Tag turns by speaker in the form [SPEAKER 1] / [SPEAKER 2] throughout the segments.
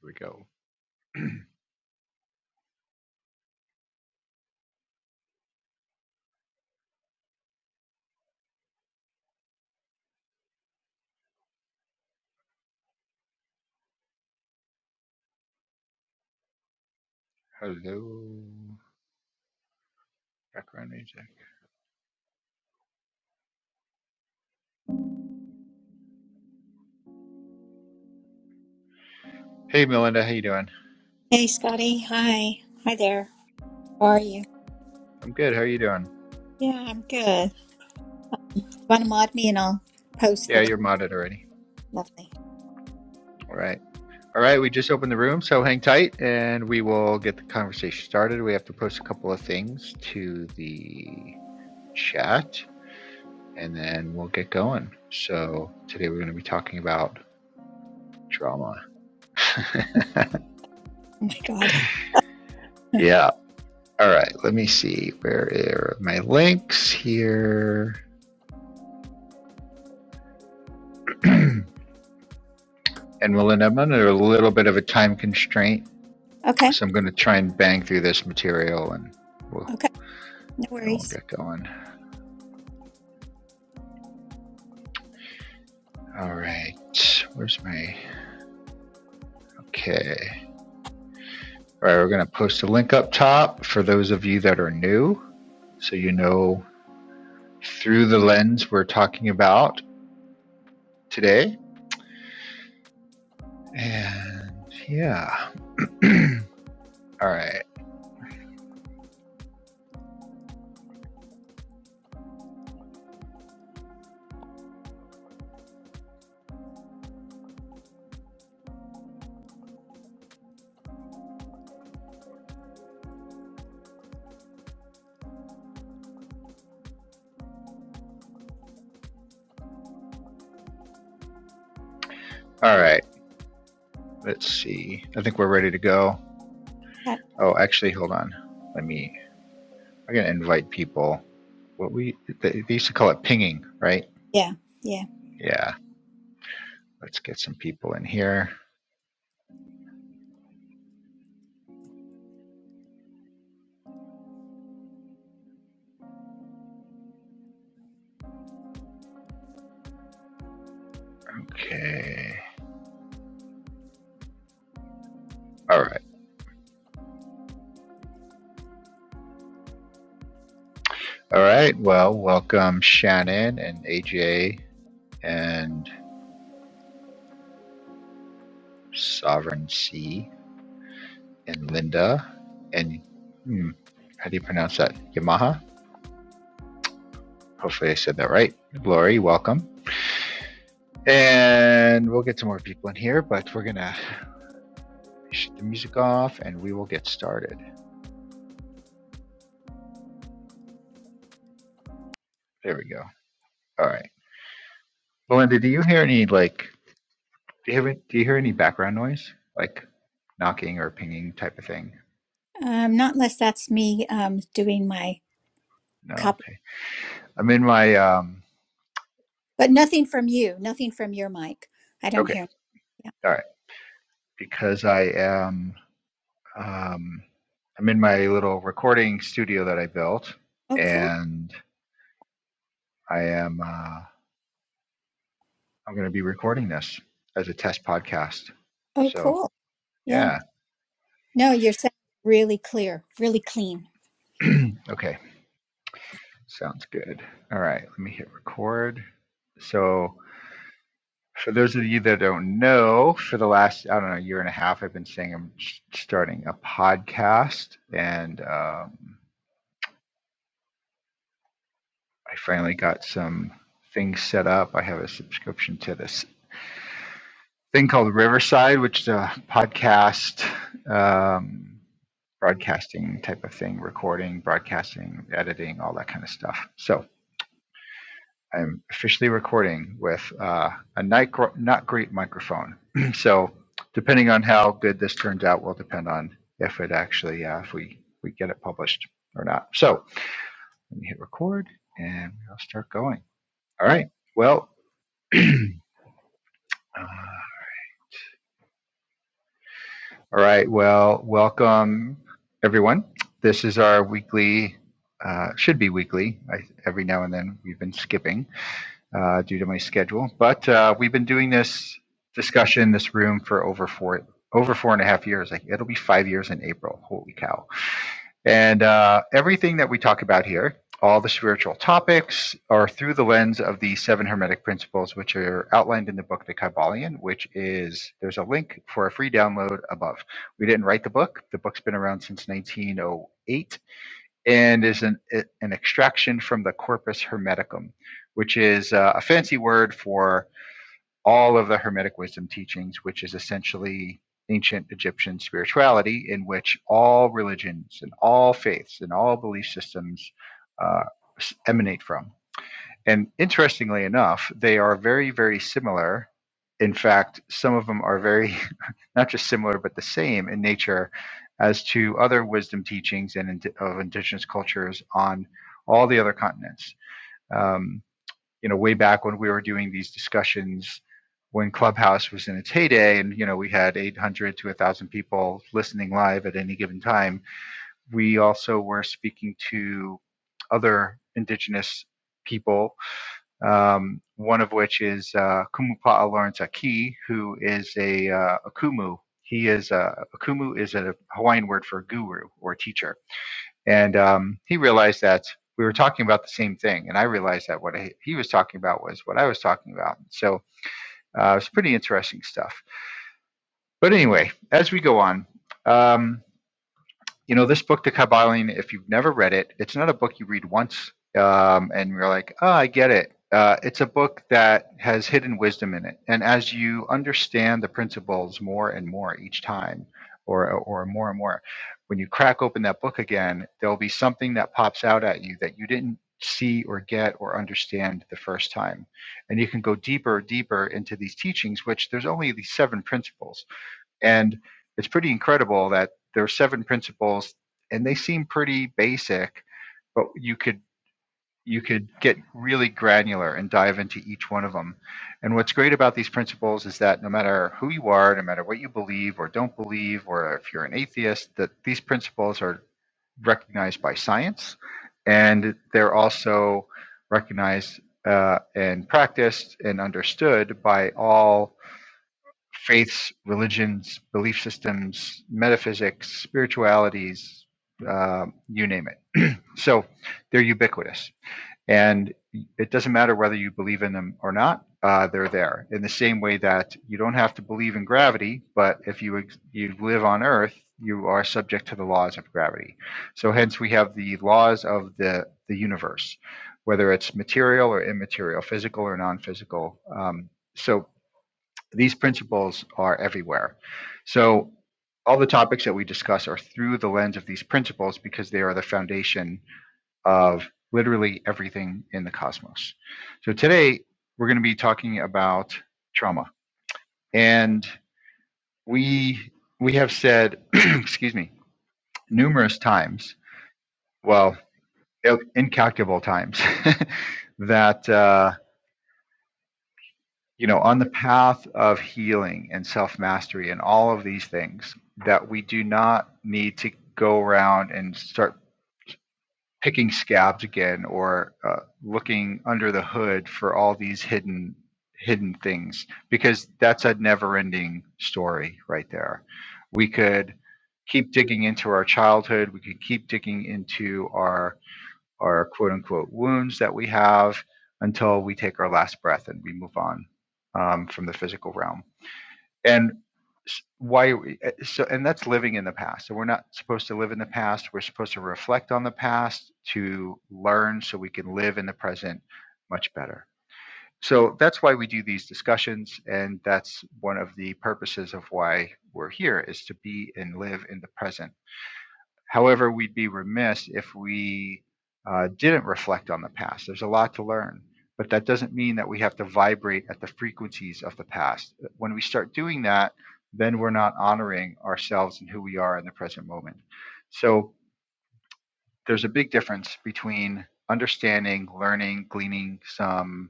[SPEAKER 1] Here we go. Hello. Background music. Hey, Melinda. How you doing?
[SPEAKER 2] Hey, Scotty. Hi. Hi there. How are you?
[SPEAKER 1] I'm good. How are you doing?
[SPEAKER 2] Yeah, I'm good. Want to mod me and I'll post the
[SPEAKER 1] Yeah,
[SPEAKER 2] link.
[SPEAKER 1] you're modded already.
[SPEAKER 2] Lovely.
[SPEAKER 1] All right. All right. We just opened the room, so hang tight, and we will get the conversation started. We have to post a couple of things to the chat, and then we'll get going. So today we're going to be talking about drama.
[SPEAKER 2] Oh my God.
[SPEAKER 1] yeah. All right. Let me see. Where are my links here? and Melinda, I'm under a little bit of a time constraint
[SPEAKER 2] Okay.
[SPEAKER 1] So I'm going to try and bang through this material and we'll,
[SPEAKER 2] Okay. No
[SPEAKER 1] we'll
[SPEAKER 2] worries.
[SPEAKER 1] get going. All right. Where's my. Okay. All right. We're going to post a link up top for those of you that are new so you know through the lens we're talking about today. And yeah. All right. All right. Let's see. I think we're ready to go.
[SPEAKER 2] Okay.
[SPEAKER 1] Oh, actually, hold on. Let me. I'm going to invite people. What we. they used to call it pinging, right?
[SPEAKER 2] Yeah. Yeah.
[SPEAKER 1] Yeah. Let's get some people in here. Okay. All right. All right. Well, welcome Shannon and AJ and Sovereign C and Linda and hmm, how do you pronounce that? Yamaha? Hopefully I said that right. Glory, welcome. And we'll get some more people in here, but we're going to shut the music off and we will get started. There we go. All right. Belinda, do you hear any like Do you hear? Do you hear any background noise, like knocking or pinging type of thing?
[SPEAKER 2] Um, not unless that's me um, doing my
[SPEAKER 1] No.
[SPEAKER 2] copy,
[SPEAKER 1] Okay. I'm in my. Um,
[SPEAKER 2] but nothing from you. Nothing from your mic. I don't
[SPEAKER 1] okay.
[SPEAKER 2] hear. Yeah.
[SPEAKER 1] All right. Because I am. Um, I'm in my little recording studio that I built,
[SPEAKER 2] Oh, cool.
[SPEAKER 1] and I am. Uh, I'm going to be recording this as a test podcast.
[SPEAKER 2] Oh,
[SPEAKER 1] So
[SPEAKER 2] cool. Yeah.
[SPEAKER 1] yeah.
[SPEAKER 2] No, your sound really clear, really clean.
[SPEAKER 1] okay. Sounds good. All right. Let me hit record. So For those of you that don't know, for the last, I don't know, year and a half, I've been saying I'm s- starting a podcast and um, I finally got some things set up. I have a subscription to this thing called Riverside, which is a podcast um, broadcasting type of thing, recording, broadcasting, editing, all that kind of stuff. So I'm officially recording with uh, a not, great microphone. so, depending on how good this turns out, will depend on if it actually uh, if we we get it published or not. So, let me hit record and we'll start going. All right. Well, uh, all right. Well, welcome everyone. This is our weekly. Uh, should be weekly. I, every now and then we've been skipping. uh, due to my schedule. But uh, we've been doing this discussion, in this room for over four over four and a half years. Like it'll be five years in April. Holy cow! And uh, everything that we talk about here, all the spiritual topics, are through the lens of the seven hermetic principles, which are outlined in the book The Kybalion. Which is there's a link for a free download above. We didn't write the book. The book's been around since 1908 and is an, an extraction from the corpus hermeticum, which is uh, a fancy word for all of the Hermetic wisdom teachings, which is essentially ancient Egyptian spirituality, in which all religions and all faiths and all belief systems uh, emanate from. And interestingly enough, they are very, very similar. In fact, some of them are very, not just similar, but the same in nature as to other wisdom teachings and ind- of indigenous cultures on all the other continents. Um, you know, way back when we were doing these discussions, when Clubhouse was in its heyday, and you know, we had 800 to 1,000 people listening live at any given time. We also were speaking to other indigenous people um, one of which is uh, Kumupa'a Lawrence Aki, who is a, uh, a Kumu. He is a, a Kumu is a Hawaiian word for guru or teacher, and um, he realized that we were talking about the same thing, and I realized that what he was talking about was what I was talking about. So uh, it's pretty interesting stuff. But anyway, as we go on. Um, you know, this book, The Kabbalion, if you've never read it, it's not a book you read once um, and you're like, oh, I get it. Uh, it's a book that has hidden wisdom in it. And as you understand the principles more and more each time, or, or more and more, when you crack open that book again, there'll be something that pops out at you that you didn't see or get or understand the first time. And you can go deeper, deeper into these teachings, which there's only these seven principles and it's pretty incredible that there are seven principles and they seem pretty basic, but you could you could get really granular and dive into each one of them. And what's great about these principles is that no matter who you are, no matter what you believe or don't believe, or if you're an atheist, that these principles are recognized by science and they're also recognized uh, and practiced and understood by all faiths, religions, belief systems, metaphysics, spiritualities, uh, you name it. So they're ubiquitous. And it doesn't matter whether you believe in them or not, uh, they're there. In the same way that you don't have to believe in gravity, but if you, ex- you live on Earth, you are subject to the laws of gravity. So hence we have the laws of the, the universe, whether it's material or immaterial, physical or non physical. Um, so these principles are everywhere. So all the topics that we discuss are through the lens of these principles because they are the foundation of literally everything in the cosmos. So today we're going to be talking about trauma. And we we have said, excuse me, numerous times, well, incalculable times that uh, you know, on the path of healing and self mastery and all of these things, that we do not need to go around and start picking scabs again or uh, looking under the hood for all these hidden hidden things because that's a never ending story right there. We could keep digging into our childhood. We could keep digging into our our quote unquote wounds that we have until we take our last breath and we move on um, from the physical realm. And why eh, so and that's living in the past. So we're not supposed to live in the past. We're supposed to reflect on the past to learn so we can live in the present much better. So that's why we do these discussions and that's one of the purposes of why we're here is to be and live in the present However, we'd be remiss if we uh, didn't reflect on the past. There's a lot to learn, but that doesn't mean that we have to vibrate at the frequencies of the past. When we start doing that, then we're not honoring ourselves and who we are in the present moment. So there's a big difference between understanding, learning, gleaning some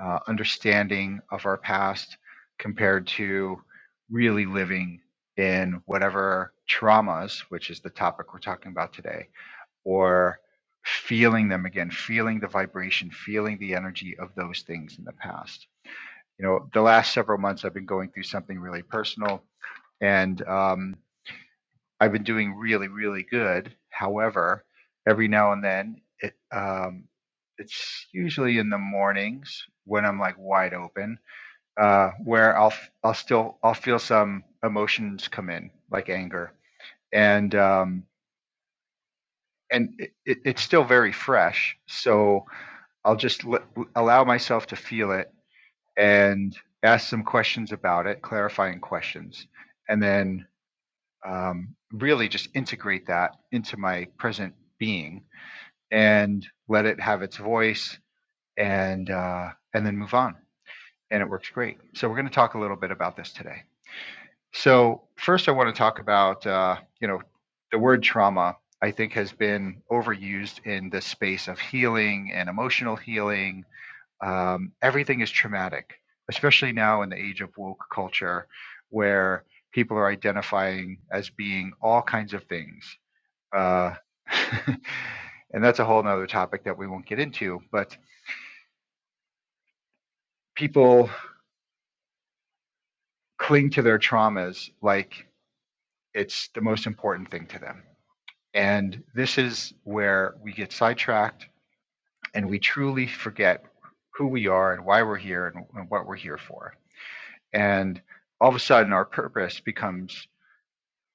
[SPEAKER 1] uh, understanding of our past compared to really living in whatever traumas, which is the topic we're talking about today, or feeling them again, feeling the vibration, feeling the energy of those things in the past. You know, the last several months I've been going through something really personal and um, I've been doing really, really good. However, every now and then, it, um, it's usually in the mornings when I'm like wide open, uh, where I'll i I'll still I'll feel some emotions come in, like anger, and um, and it, it, it's still very fresh. So I'll just l- allow myself to feel it and ask some questions about it, clarifying questions, and then um, really just integrate that into my present being and let it have its voice and uh, and then move on. And it works great. So we're going to talk a little bit about this today. So first, I want to talk about uh, you know the word trauma. I think has been overused in the space of healing and emotional healing um, everything is traumatic, especially now in the age of woke culture, where people are identifying as being all kinds of things. Uh, and that's a whole nother topic that we won't get into, but people cling to their traumas like it's the most important thing to them. And this is where we get sidetracked and we truly forget who we are and why we're here and, and what we're here for. And all of a sudden, our purpose becomes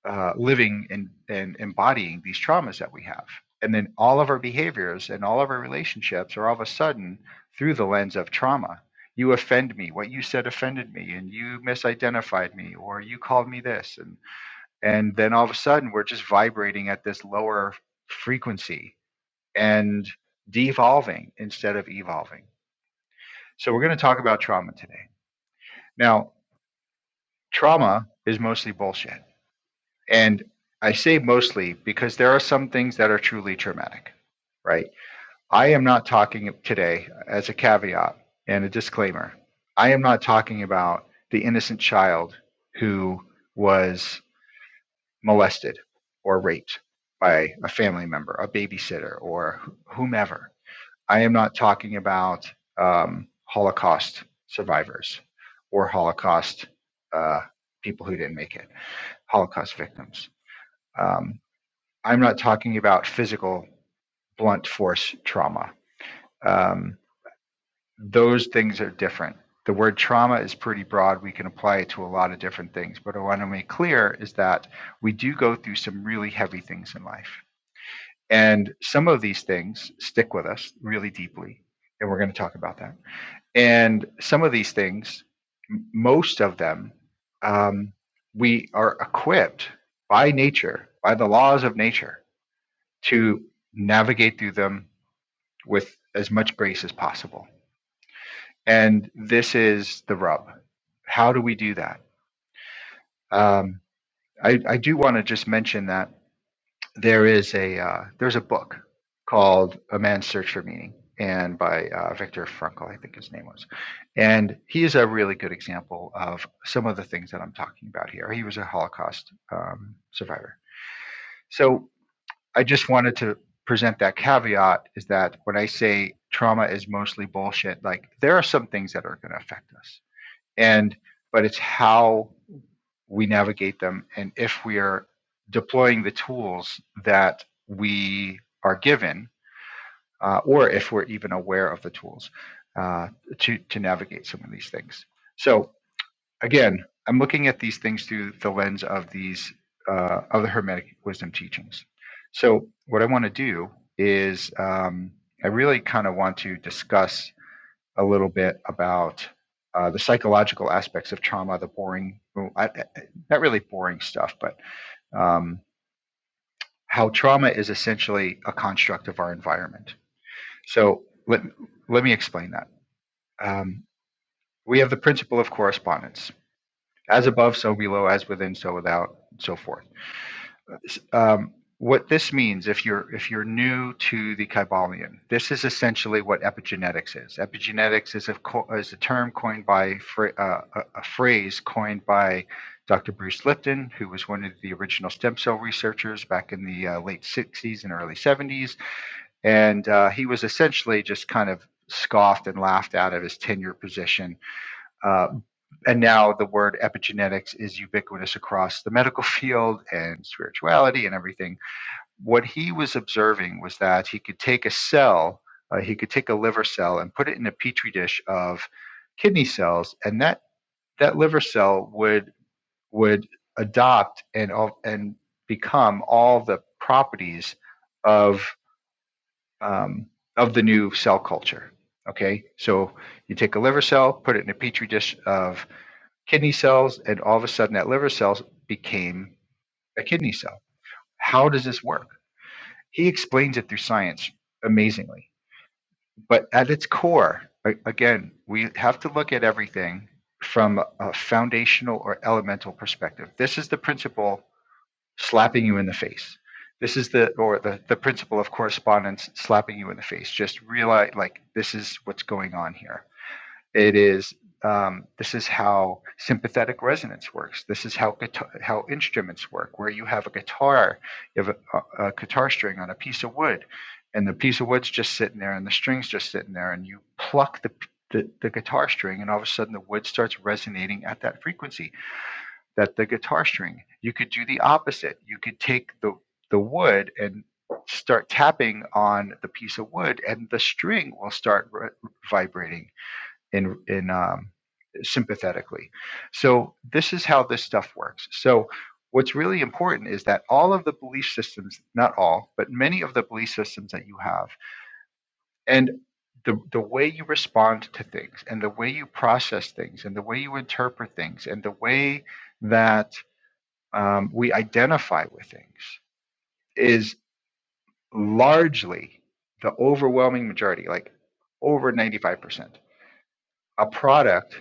[SPEAKER 1] uh, living and, and embodying these traumas that we have. And then all of our behaviors and all of our relationships are all of a sudden through the lens of trauma. You offend me. What you said offended me, and you misidentified me, or you called me this, and and then all of a sudden we're just vibrating at this lower frequency and devolving instead of evolving. So we're going to talk about trauma today. Now, trauma is mostly bullshit And I say mostly because there are some things that are truly traumatic, right? I am not talking today, as a caveat and a disclaimer, I am not talking about the innocent child who was molested or raped by a family member, a babysitter, or whomever. I am not talking about um, Holocaust survivors or Holocaust uh, people who didn't make it, Holocaust victims. Um, I'm not talking about physical blunt force trauma. Um, those things are different. The word trauma is pretty broad. We can apply it to a lot of different things. But what I want to make clear is that we do go through some really heavy things in life. And some of these things stick with us really deeply. And we're going to talk about that. And some of these things, most of them, um, we are equipped by nature, by the laws of nature to navigate through them with as much grace as possible. And this is the rub. How do we do that? Um, I, I do want to just mention that there is a uh, there's a book called A Man's Search for Meaning, and by uh, Viktor Frankl, I think his name was. And he is a really good example of some of the things that I'm talking about here. He was a Holocaust um, survivor. So I just wanted to present that caveat is that when I say trauma is mostly bullshit, like there are some things that are going to affect us. And, but it's how we navigate them and if we are deploying the tools that we are given, uh, or if we're even aware of the tools uh, to, to navigate some of these things. So again, I'm looking at these things through the lens of these uh, of the Hermetic wisdom teachings. So what I want to do is um, I really kind of want to discuss a little bit about uh, the psychological aspects of trauma, the boring, well, I, I- not really boring stuff, but um, how trauma is essentially a construct of our environment. So let let me explain that. Um, we have the principle of correspondence, as above, so below, as within, so without, and so forth um, what this means if you're if you're new to the Kybalion, this is essentially what epigenetics is. Epigenetics is a is a term coined by uh, a a phrase coined by Dr. Bruce Lipton, who was one of the original stem cell researchers back in the uh, late 60s and early 70s, and uh, he was essentially just kind of scoffed and laughed out of his tenure position. Uh, and now the word epigenetics is ubiquitous across the medical field and spirituality and everything what he was observing was that he could take a cell, uh, he could take a liver cell and put it in a petri dish of kidney cells, and that that liver cell would would adopt and and become all the properties of um, of the new cell culture. Okay, so you take a liver cell, put it in a petri dish of kidney cells, and all of a sudden that liver cell became a kidney cell. How does this work? He explains it through science amazingly. But at its core, again, we have to look at everything from a foundational or elemental perspective. This is the principle slapping you in the face. This is the or the, the principle of correspondence slapping you in the face. Just realize like this is what's going on here. It is um, this is how sympathetic resonance works. This is how guitar, how instruments work. Where you have a guitar, you have a, a, guitar string on a piece of wood, and the piece of wood's just sitting there, and the string's just sitting there, and you pluck the the, the guitar string and all of a sudden the wood starts resonating at that frequency that the guitar string you could do the opposite you could take the the wood and start tapping on the piece of wood and the string will start re- vibrating in in um, sympathetically. So this is how this stuff works. So what's really important is that all of the belief systems, not all, but many of the belief systems that you have, and the, the way you respond to things and the way you process things and the way you interpret things and the way that um, we identify with things is largely the overwhelming majority, like over 95%. a product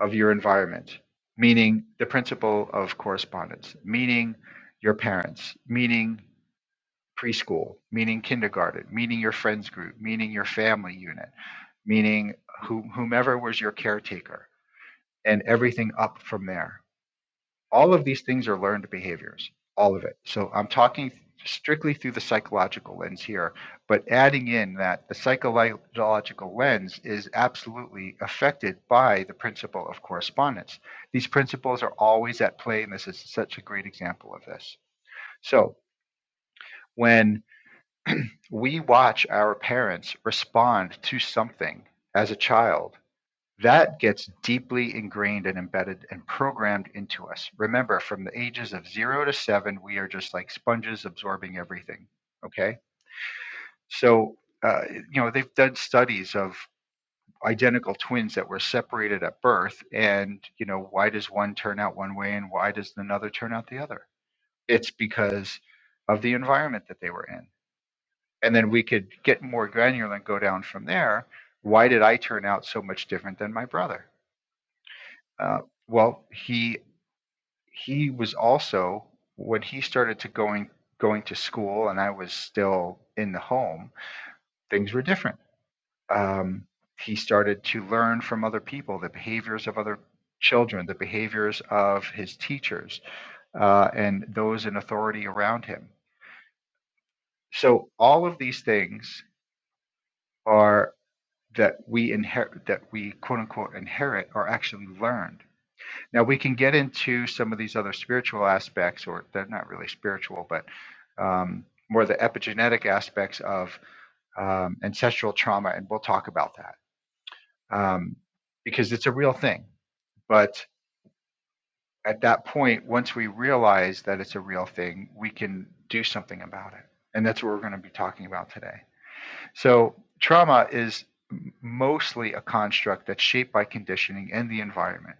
[SPEAKER 1] of your environment, meaning the principle of correspondence, meaning your parents, meaning preschool, meaning kindergarten, meaning your friends group, meaning your family unit, meaning who, whomever was your caretaker, and everything up from there. All of these things are learned behaviors, all of it. So I'm talking strictly through the psychological lens here, but adding in that the psychological lens is absolutely affected by the principle of correspondence. These principles are always at play, and this is such a great example of this. So when we watch our parents respond to something as a child, that gets deeply ingrained and embedded and programmed into us. Remember, from the ages of zero to seven, we are just like sponges absorbing everything. Okay. So, uh, you know, they've done studies of identical twins that were separated at birth. And, you know, why does one turn out one way and why does another turn out the other? It's because of the environment that they were in. And then we could get more granular and go down from there. Why did I turn out so much different than my brother? Uh, well, he he was also when he started to going going to school, and I was still in the home. Things were different. Um, he started to learn from other people, the behaviors of other children, the behaviors of his teachers, uh, and those in authority around him. So all of these things are that we inherit, that we quote unquote inherit, are actually learned Now we can get into some of these other spiritual aspects, or they're not really spiritual, but um, more the epigenetic aspects of um, ancestral trauma, and we'll talk about that um, because it's a real thing. But at that point, once we realize that it's a real thing, we can do something about it, and that's what we're going to be talking about today. So trauma is mostly a construct that's shaped by conditioning and the environment.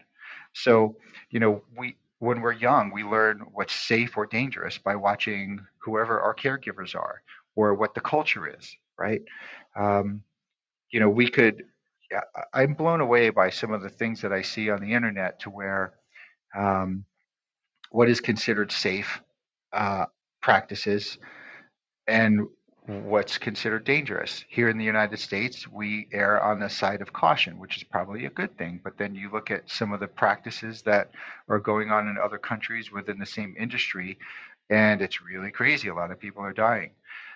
[SPEAKER 1] So, you know, we when we're young, we learn what's safe or dangerous by watching whoever our caregivers are or what the culture is, right? Um, you know, we could. yeah, I- I'm blown away by some of the things that I see on the internet to where um, what is considered safe uh, practices and what's considered dangerous. Here in the United States, we err on the side of caution, which is probably a good thing. But then you look at some of the practices that are going on in other countries within the same industry, and it's really crazy. A lot of people are dying.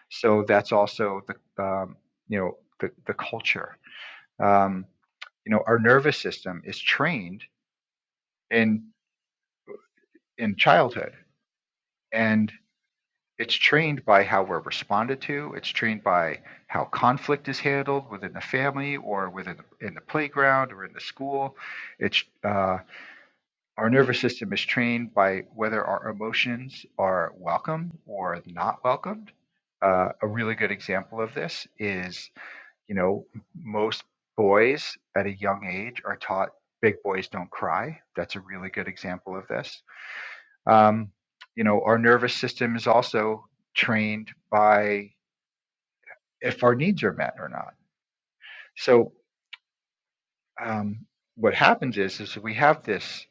[SPEAKER 1] So that's also the um, you know the the culture. Um, you know, our nervous system is trained in in childhood, and it's trained by how we're responded to. It's trained by how conflict is handled within the family or within the, in the playground or in the school. It's uh, our nervous system is trained by whether our emotions are welcome or not welcomed. Uh, a really good example of this is, you know, most boys at a young age are taught big boys don't cry. That's a really good example of this um, you know, our nervous system is also trained by if our needs are met or not. So um, what happens is is we have this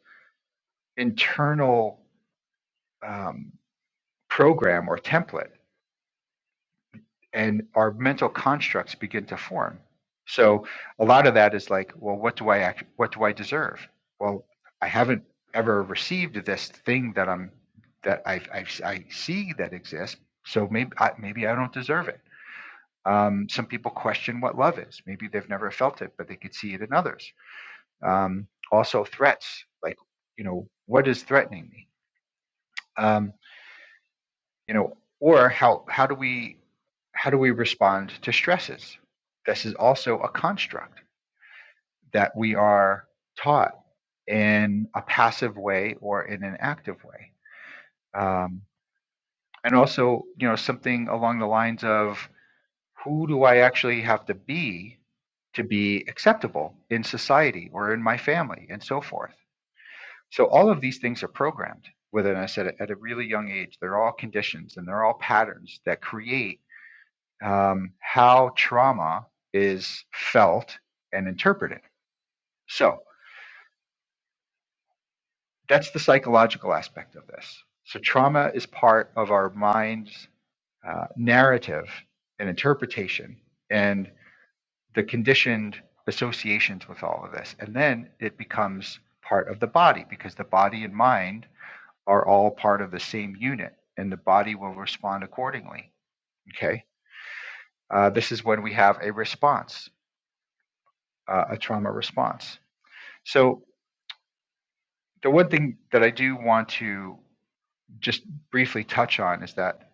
[SPEAKER 1] internal um, program or template, and our mental constructs begin to form. So a lot of that is like, well, what do I act- what do I deserve? Well, I haven't ever received this thing that I'm that I I, I see that exists. So maybe I, maybe I don't deserve it Um, some people question what love is. Maybe they've never felt it, but they could see it in others. Um, also, threats like, you know, what is threatening me? Um, you know, or how how do we how do we respond to stresses? This is also a construct that we are taught in a passive way or in an active way. Um, and also, you know, something along the lines of who do I actually have to be to be acceptable in society or in my family and so forth? So all of these things are programmed. Whether I said at a really young age, they're all conditions and they're all patterns that create um, how trauma is felt and interpreted. So that's the psychological aspect of this. So trauma is part of our mind's uh, narrative and interpretation. and. the conditioned associations with all of this. And then it becomes part of the body because the body and mind are all part of the same unit and the body will respond accordingly. Okay. Uh, this is when we have a response, uh, a trauma response. So, the one thing that I do want to just briefly touch on is that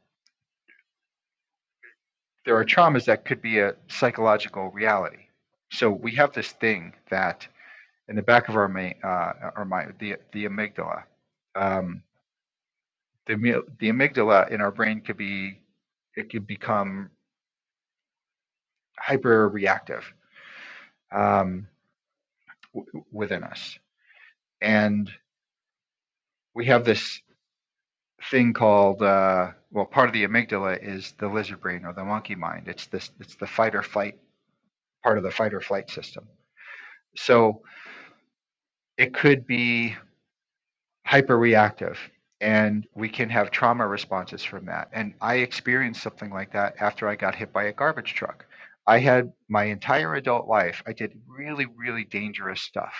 [SPEAKER 1] there are traumas that could be a psychological reality. So, we have this thing that in the back of our, ma- uh, our mind, the, the amygdala, um, the amy- the amygdala in our brain could be it could become hyper reactive um, w- within us, and we have this thing called uh, well, part of the amygdala is the lizard brain or the monkey mind. It's this it's the fight or flight part of the fight or flight system. So it could be hyperreactive and we can have trauma responses from that and i experienced something like that after i got hit by a garbage truck i had my entire adult life i did really really dangerous stuff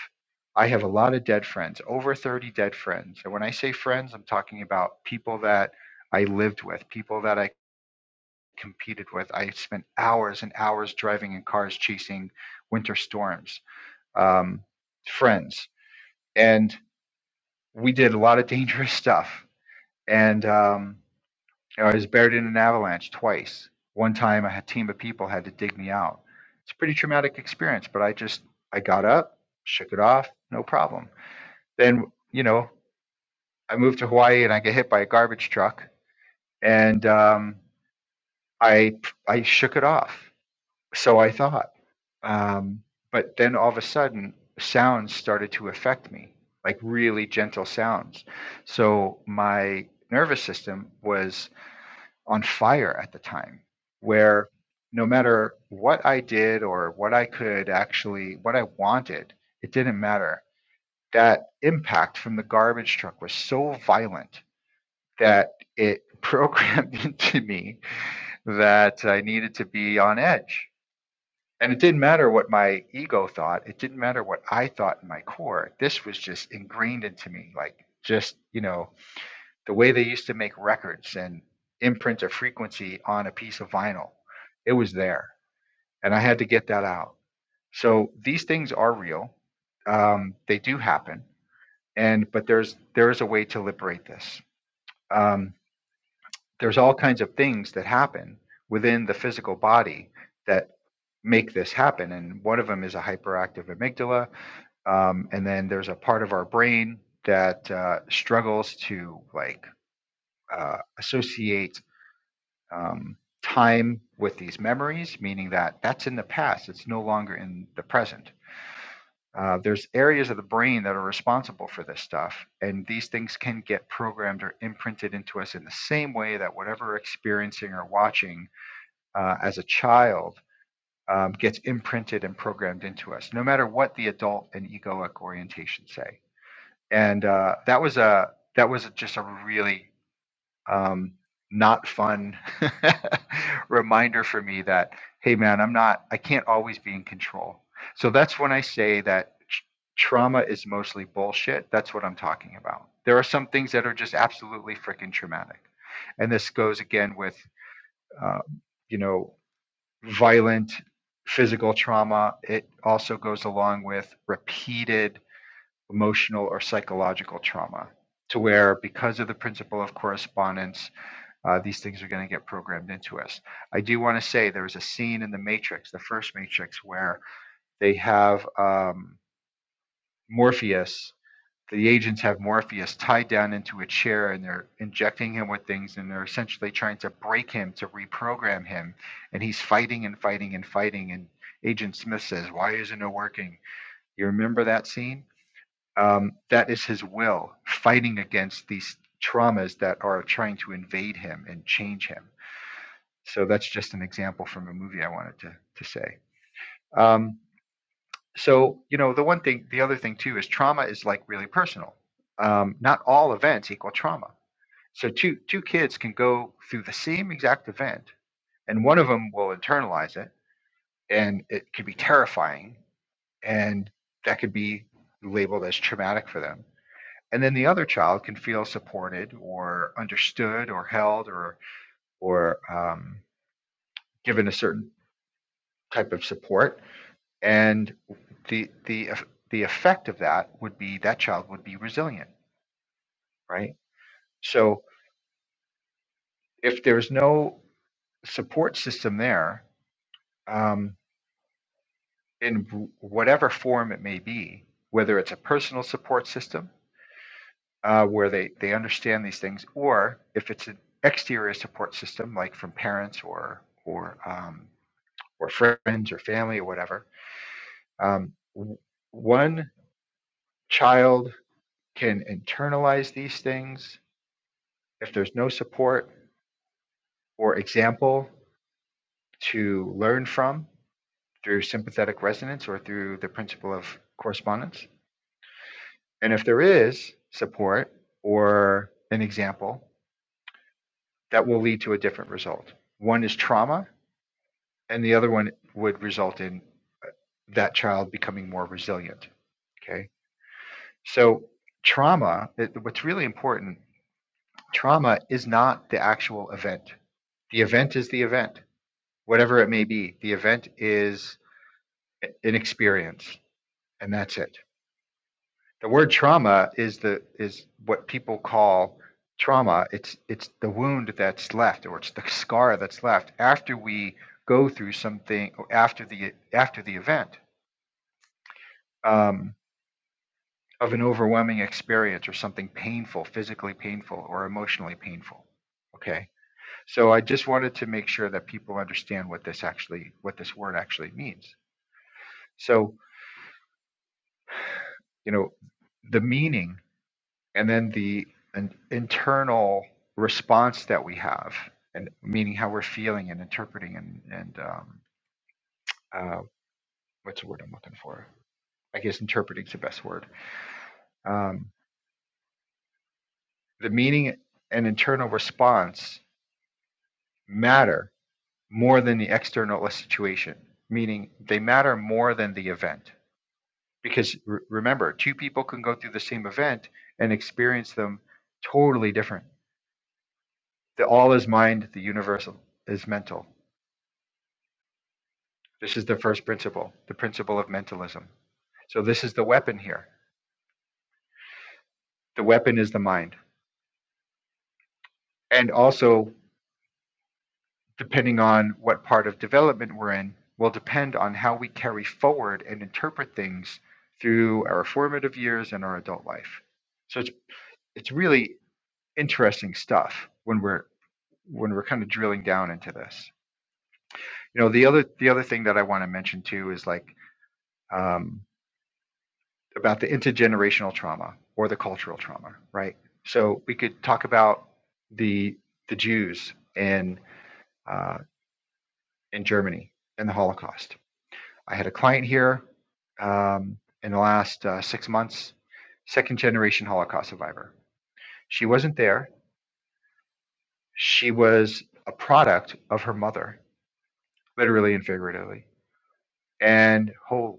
[SPEAKER 1] i have a lot of dead friends over 30 dead friends and when i say friends i'm talking about people that i lived with people that i competed with i spent hours and hours driving in cars chasing winter storms um, friends and we did a lot of dangerous stuff and um, I was buried in an avalanche twice. One time, a team of people had to dig me out. It's a pretty traumatic experience, but I just I got up, shook it off, no problem. Then you know I moved to Hawaii and I get hit by a garbage truck, and um, I I shook it off. So I thought, um, but then all of a sudden, sounds started to affect me, like really gentle sounds. So my nervous system was on fire at the time where no matter what I did or what I could actually, what I wanted, it didn't matter. That impact from the garbage truck was so violent that it programmed into me that I needed to be on edge. And it didn't matter what my ego thought, it didn't matter what I thought in my core. This was just ingrained into me, like just, you know, the way they used to make records and imprint a frequency on a piece of vinyl it was there and i had to get that out so these things are real um, they do happen and but there's there is a way to liberate this um, there's all kinds of things that happen within the physical body that make this happen and one of them is a hyperactive amygdala um, and then there's a part of our brain that uh, struggles to like uh, associate um, time with these memories, meaning that that's in the past, it's no longer in the present. Uh, there's areas of the brain that are responsible for this stuff, and these things can get programmed or imprinted into us in the same way that whatever we're experiencing or watching uh, as a child um, gets imprinted and programmed into us, no matter what the adult and egoic orientation say. And uh, that was a that was just a really um, not fun reminder for me that hey man i'm not i can't always be in control so that's when i say that tr- trauma is mostly bullshit that's what i'm talking about there are some things that are just absolutely freaking traumatic and this goes again with uh, you know violent physical trauma it also goes along with repeated emotional or psychological trauma to where because of the principle of correspondence uh, these things are going to get programmed into us. I do want to say there was a scene in the Matrix, the first Matrix, where they have um, Morpheus. The agents have Morpheus tied down into a chair and they're injecting him with things and they're essentially trying to break him to reprogram him. And he's fighting and fighting and fighting. And Agent Smith says, Why isn't it working? You remember that scene? Um, that is his will fighting against these traumas that are trying to invade him and change him so that's just an example from a movie I wanted to, to say. Um, so, you know, the one thing, the other thing too is trauma is like really personal. Um, not all events equal trauma. So, two, two kids can go through the same exact event, and one of them will internalize it, and it could be terrifying, and that could be labeled as traumatic for them. And then the other child can feel supported or understood or held or, or um, given a certain type of support and the the the effect of that would be that child would be resilient right so if there's no support system there um, in w- whatever form it may be whether it's a personal support system uh, where they they understand these things or if it's an exterior support system like from parents or or um, or friends or family or whatever um, w- one child can internalize these things if there's no support or example to learn from through sympathetic resonance or through the principle of correspondence, and if there is support or an example, that will lead to a different result. One is trauma, and the other one would result in that child becoming more resilient. Okay. So, trauma, what's really important, trauma is not the actual event. The event is the event, whatever it may be. The event is an experience and that's it the word trauma is the is what people call trauma it's it's the wound that's left or it's the scar that's left after we go through something or after the after the event um, of an overwhelming experience or something painful physically painful or emotionally painful okay so i just wanted to make sure that people understand what this actually what this word actually means so you know the meaning and then the an internal response that we have, and meaning how we're feeling and interpreting and and um, uh, what's the word I'm looking for? I guess interpreting is the best word. Um, the meaning and internal response matter more than the external situation, meaning they matter more than the event. Because re- remember, two people can go through the same event and experience them totally different. The all is mind, the universal is mental This is the first principle, the principle of mentalism. So this is the weapon here. The weapon is the mind. And also, depending on what part of development we're in, will depend on how we carry forward and interpret things through our formative years and our adult life. So it's it's really interesting stuff when we're when we're kind of drilling down into this. You know, the other the other thing that I want to mention too is like um, about the intergenerational trauma or the cultural trauma, right? So we could talk about the the Jews in uh, in Germany and the Holocaust. I had a client here um, in the last uh, six months, second generation Holocaust survivor. She wasn't there. She was a product of her mother, literally and figuratively. And oh,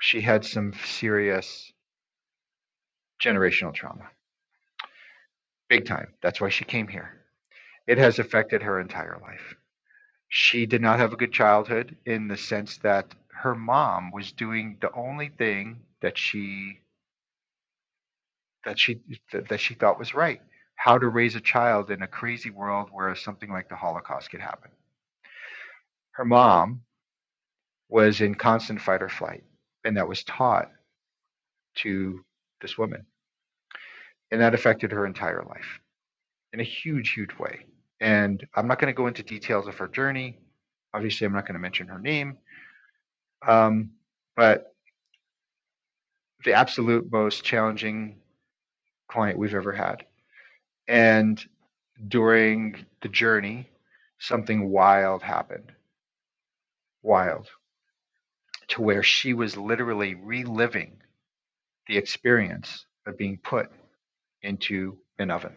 [SPEAKER 1] she had some serious generational trauma, big time. That's why she came here It has affected her entire life. She did not have a good childhood in the sense that her mom was doing the only thing that she that she that she thought was right. How to raise a child in a crazy world where something like the Holocaust could happen. Her mom was in constant fight or flight, and that was taught to this woman. And that affected her entire life in a huge, huge way. And I'm not going to go into details of her journey. Obviously, I'm not going to mention her name um, but the absolute most challenging client we've ever had. And during the journey, something wild happened, wild, to where she was literally reliving the experience of being put into an oven.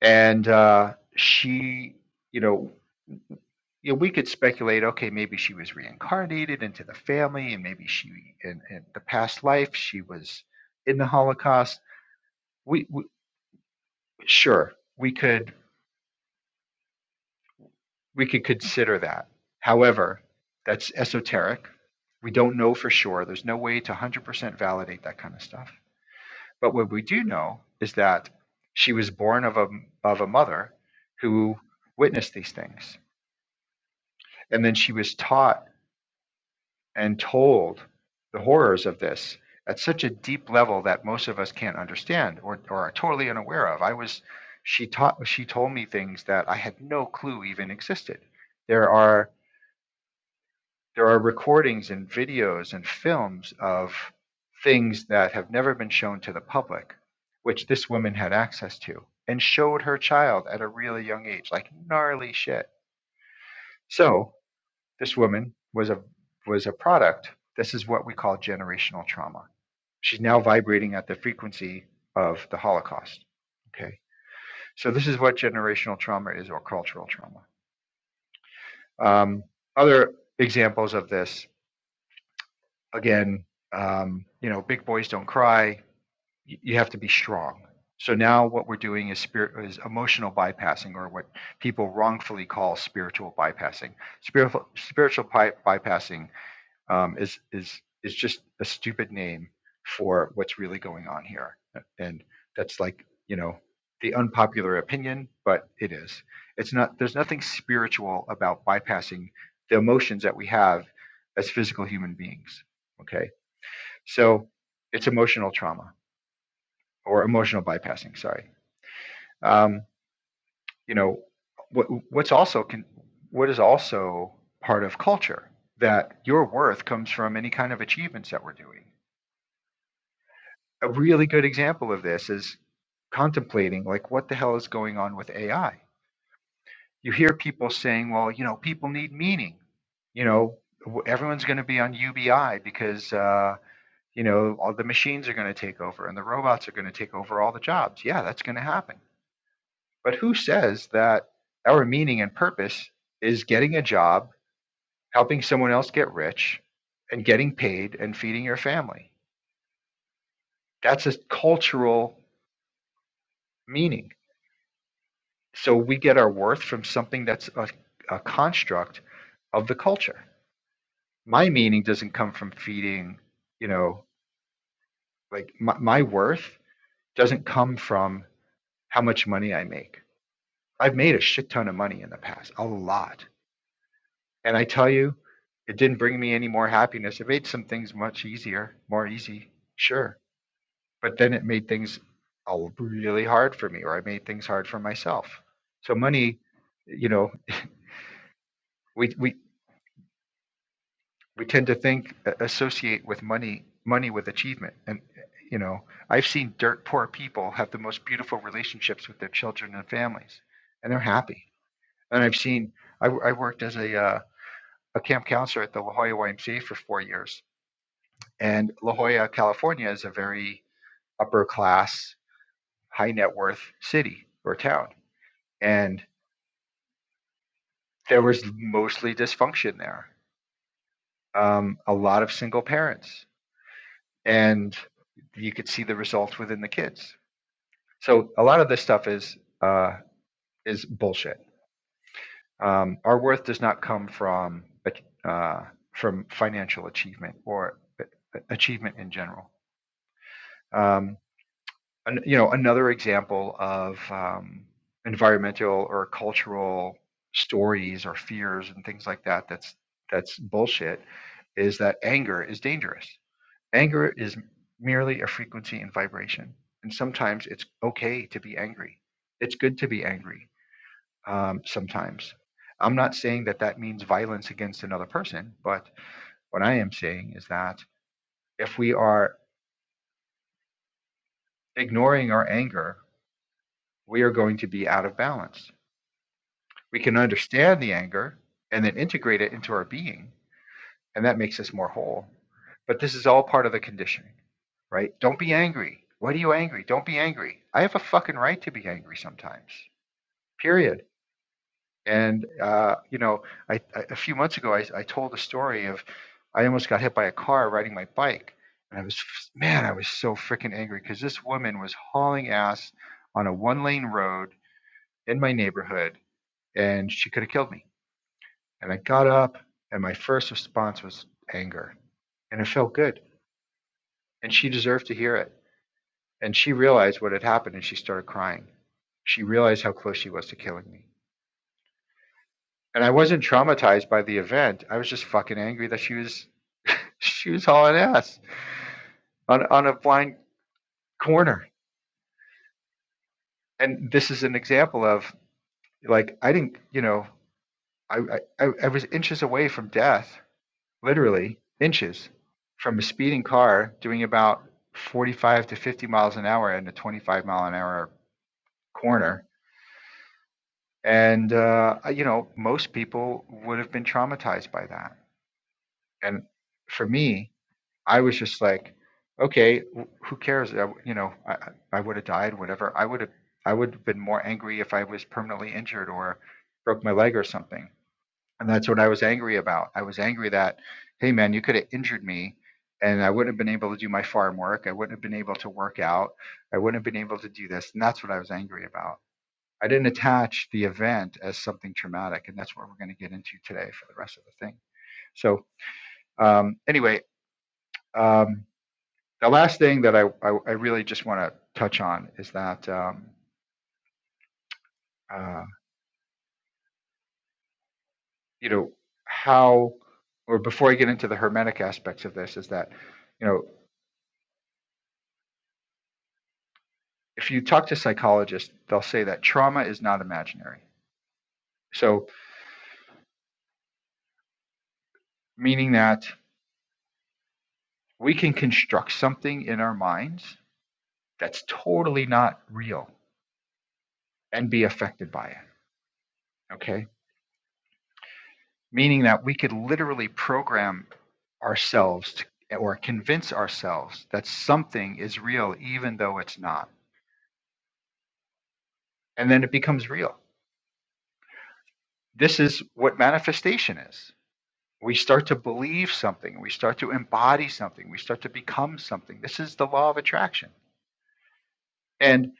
[SPEAKER 1] And uh, she, you know, you know, we could speculate, okay, maybe she was reincarnated into the family, and maybe she, in, in the past life, she was in the Holocaust We. we Sure, we could we could consider that. However, that's esoteric. We don't know for sure. There's no way to 100% validate that kind of stuff. But what we do know is that she was born of a of a mother who witnessed these things, and then she was taught and told the horrors of this at such a deep level that most of us can't understand or, or are totally unaware of. I was she taught she told me things that I had no clue even existed. There are there are recordings and videos and films of things that have never been shown to the public, which this woman had access to and showed her child at a really young age, like gnarly shit. So this woman was a was a product. This is what we call generational trauma. She's now vibrating at the frequency of the Holocaust. Okay, so this is what generational trauma is, or cultural trauma. Um, other examples of this again, um, you know, big boys don't cry. You have to be strong. So now what we're doing is spirit is emotional bypassing, or what people wrongfully call spiritual bypassing. Spiritual spiritual by, bypassing um, is is is just a stupid name for what's really going on here, and that's like you know the unpopular opinion, but it is. It's not. There's nothing spiritual about bypassing the emotions that we have as physical human beings. Okay so it's emotional trauma or emotional bypassing. Sorry. Um, you know, what, what's also can, what is also part of culture that your worth comes from any kind of achievements that we're doing. A really good example of this is contemplating like what the hell is going on with AI. You hear people saying, well, you know, people need meaning. You know, everyone's going to be on UBI because uh, you know, all the machines are going to take over and the robots are going to take over all the jobs. Yeah, that's going to happen. But who says that our meaning and purpose is getting a job, helping someone else get rich, and getting paid and feeding your family? That's a cultural meaning. So we get our worth from something that's a, a construct of the culture. My meaning doesn't come from feeding, you know, like my, my worth doesn't come from how much money I make I've made a shit ton of money in the past, a lot. And I tell you, it didn't bring me any more happiness. It made some things much easier, more easy, sure. But then it made things uh, really hard for me, or I made things hard for myself. So money, you know, we we we tend to think uh, associate with money money with achievement, and uh, you know, I've seen dirt poor people have the most beautiful relationships with their children and families, and they're happy. And I've seen I, w- I worked as a uh, a camp counselor at the La Jolla YMCA for four years. And La Jolla, California is a very upper class, high net worth city or town. And there was mostly dysfunction there, um, a lot of single parents. And you could see the results within the kids. So a lot of this stuff is uh, is bullshit. Um, our worth does not come from uh, from financial achievement or achievement in general. Um, an, you know another example of um, environmental or cultural stories or fears and things like that that's that's bullshit is that anger is dangerous anger is merely a frequency and vibration and sometimes it's okay to be angry it's good to be angry um, sometimes i'm not saying that that means violence against another person but what i am saying is that if we are ignoring our anger we are going to be out of balance We can understand the anger and then integrate it into our being, and that makes us more whole. But this is all part of the conditioning, right? Don't be angry. Why are you angry? Don't be angry. I have a fucking right to be angry sometimes, period. And, uh, you know, I, I, a few months ago, I, I told a story of I almost got hit by a car riding my bike. And I was, man, I was so freaking angry because this woman was hauling ass on a one lane road in my neighborhood and she could have killed me. And I got up, and my first response was anger. And it felt good. And she deserved to hear it. And she realized what had happened, and she started crying. She realized how close she was to killing me. And I wasn't traumatized by the event. I was just fucking angry that she was she was hauling ass on on a blind corner. And this is an example of like I didn't, you know, I I, I was inches away from death, literally inches from a speeding car doing about 45 to 50 miles an hour in a 25 mile an hour corner. And, uh, you know, most people would have been traumatized by that. And for me, I was just like, okay, who cares? I, you know, I I would have died, whatever. I would have, I would have been more angry if I was permanently injured or broke my leg or something And that's what I was angry about. I was angry that, hey man, you could have injured me and I wouldn't have been able to do my farm work. I wouldn't have been able to work out. I wouldn't have been able to do this. And that's what I was angry about. I didn't attach the event as something traumatic. And that's what we're going to get into today for the rest of the thing. So, um, anyway, um, the last thing that I, I, I really just want to touch on is that, um, uh, you know, how, or before I get into the hermetic aspects of this, is that, you know, if you talk to psychologists, they'll say that trauma is not imaginary. So, meaning that we can construct something in our minds that's totally not real and be affected by it. Okay. Meaning that we could literally program ourselves to, or convince ourselves that something is real, even though it's not. And then it becomes real. This is what manifestation is. We start to believe something, we start to embody something, we start to become something. This is the law of attraction and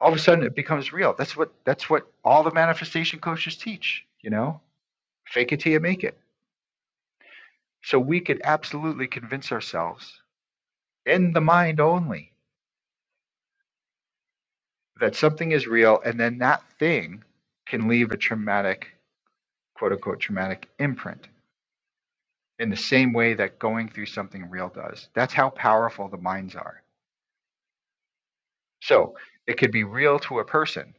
[SPEAKER 1] all of a sudden it becomes real that's what that's what all the manifestation coaches teach you know fake it till you make it so we could absolutely convince ourselves in the mind only that something is real and then that thing can leave a traumatic quote unquote traumatic imprint in the same way that going through something real does that's how powerful the minds are so it could be real to a person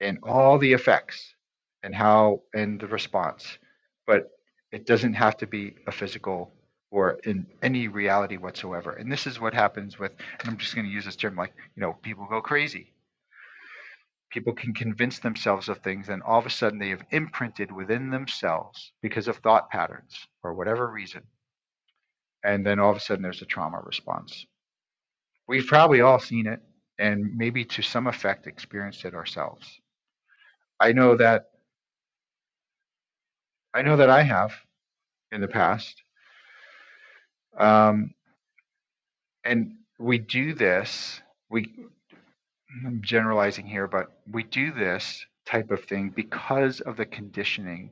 [SPEAKER 1] and all the effects and how and the response but it doesn't have to be a physical or in any reality whatsoever and this is what happens with and i'm just going to use this term like you know people go crazy people can convince themselves of things and all of a sudden they have imprinted within themselves because of thought patterns or whatever reason and then all of a sudden there's a trauma response we've probably all seen it and maybe to some effect experienced it ourselves i know that i know that i have in the past. Um, and we do this, we, I'm generalizing here, but we do this type of thing because of the conditioning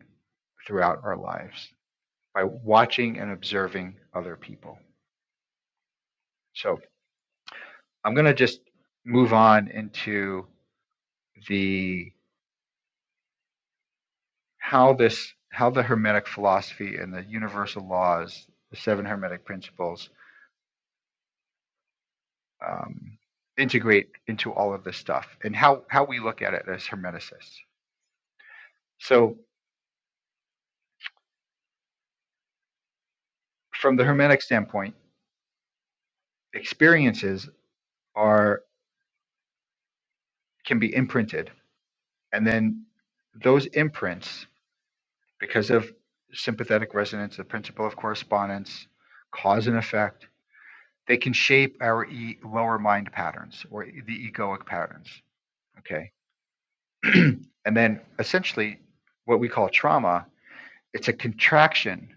[SPEAKER 1] throughout our lives by watching and observing other people. So I'm going to just move on into the how this how the hermetic philosophy and the universal laws the seven hermetic principles um, integrate into all of this stuff and how how we look at it as hermeticists So, from the hermetic standpoint, experiences are can be imprinted, and then those imprints, because of sympathetic resonance, the principle of correspondence, cause and effect, they can shape our e- lower mind patterns or the egoic patterns. Okay, and then essentially, what we call trauma, it's a contraction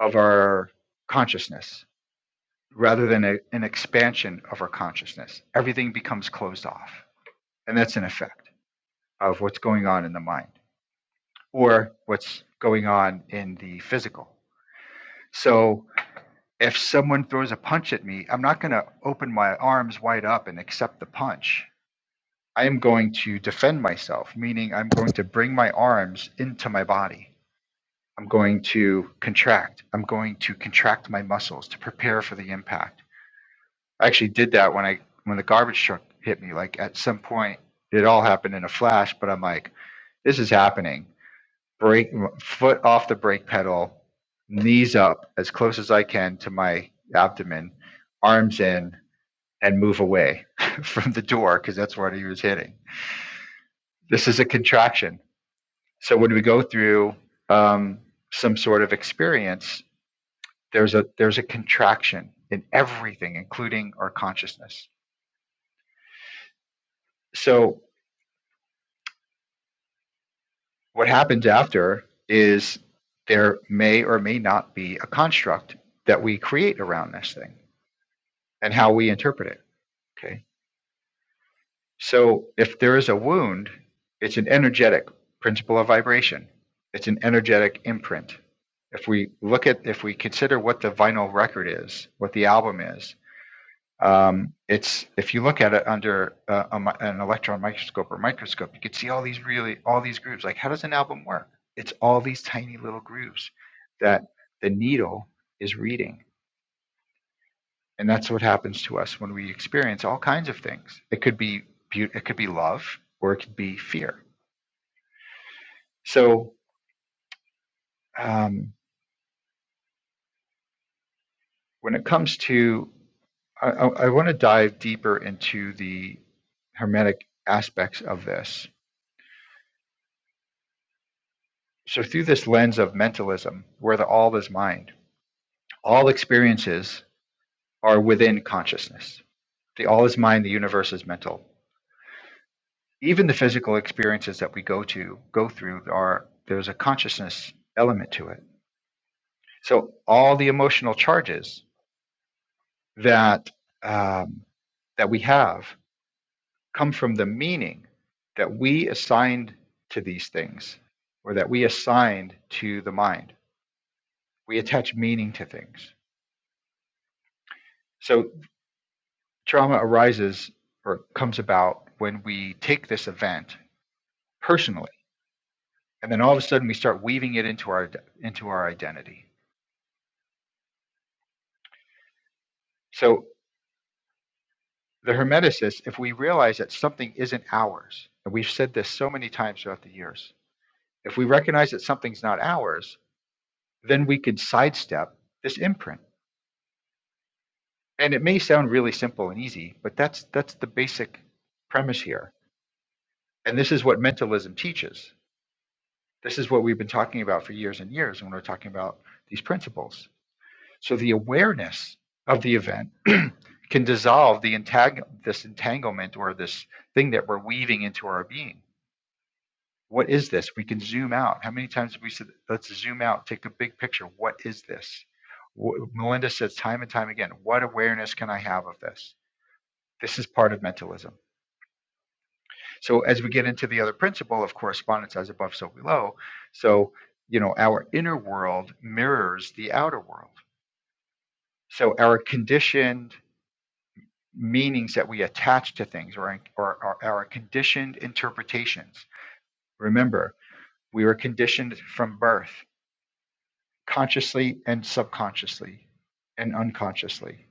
[SPEAKER 1] of our consciousness rather than a, an expansion of our consciousness. Everything becomes closed off. And that's an effect of what's going on in the mind or what's going on in the physical. So if someone throws a punch at me, I'm not going to open my arms wide up and accept the punch. I am going to defend myself, meaning I'm going to bring my arms into my body. I'm going to contract. I'm going to contract my muscles to prepare for the impact. I actually did that when I when the garbage truck hit me. Like at some point, it all happened in a flash. But I'm like, this is happening. brake foot off the brake pedal, knees up as close as I can to my abdomen, arms in, and move away from the door because that's what he was hitting. This is a contraction. So when we go through um, some sort of experience, there's a there's a contraction in everything, including our consciousness. So what happens after is there may or may not be a construct that we create around this thing and how we interpret it. Okay. So if there is a wound, it's an energetic principle of vibration. It's an energetic imprint. If we look at, if we consider what the vinyl record is, what the album is, um, it's if you look at it under uh, a, an electron microscope or microscope, you can see all these really all these grooves. Like, how does an album work? It's all these tiny little grooves that the needle is reading and that's what happens to us when we experience all kinds of things it could be beauty it could be love or it could be fear so um, when it comes to i, I, I want to dive deeper into the hermetic aspects of this so through this lens of mentalism where the all is mind all experiences are within consciousness the all is mind the universe is mental even the physical experiences that we go to go through are there's a consciousness element to it So all the emotional charges that um, that we have come from the meaning that we assigned to these things, or that we assigned to the mind. We attach meaning to things. So trauma arises or comes about when we take this event personally, and then all of a sudden we start weaving it into our into our identity. So the Hermeticists, if we realize that something isn't ours, and we've said this so many times throughout the years, If we recognize that something's not ours, then we could sidestep this imprint. And it may sound really simple and easy, but that's that's the basic premise here. And this is what mentalism teaches. This is what we've been talking about for years and years when we're talking about these principles. So the awareness of the event can dissolve the entang- this entanglement or this thing that we're weaving into our being What is this? We can zoom out. How many times have we said, let's zoom out, take a big picture? What is this? Melinda says time and time again, what awareness can I have of this? This is part of mentalism. So, as we get into the other principle of correspondence as above, so below, so, you know, our inner world mirrors the outer world. So, our conditioned meanings that we attach to things or, or, or our conditioned interpretations. Remember, we were conditioned from birth. consciously and subconsciously and unconsciously.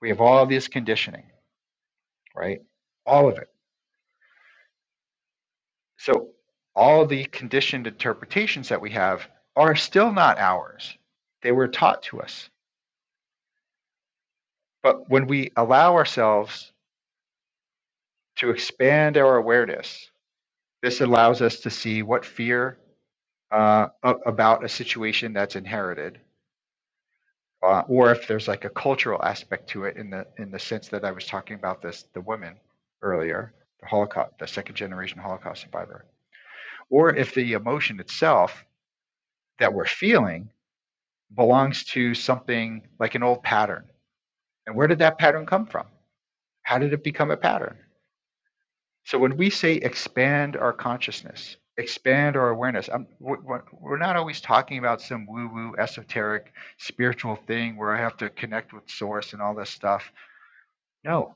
[SPEAKER 1] We have all this conditioning, right? All of it. So, all the conditioned interpretations that we have are still not ours. They were taught to us. But when we allow ourselves to expand our awareness, this allows us to see what fear uh, about a situation that's inherited uh, or if there's like a cultural aspect to it in the in the sense that I was talking about this the women earlier, the Holocaust, the second generation Holocaust survivor, or if the emotion itself that we're feeling belongs to something like an old pattern. And where did that pattern come from? How did it become a pattern? So when we say expand our consciousness, expand our awareness, I'm, we're we're- we're not always talking about some woo-woo esoteric spiritual thing where I have to connect with source and all this stuff. No,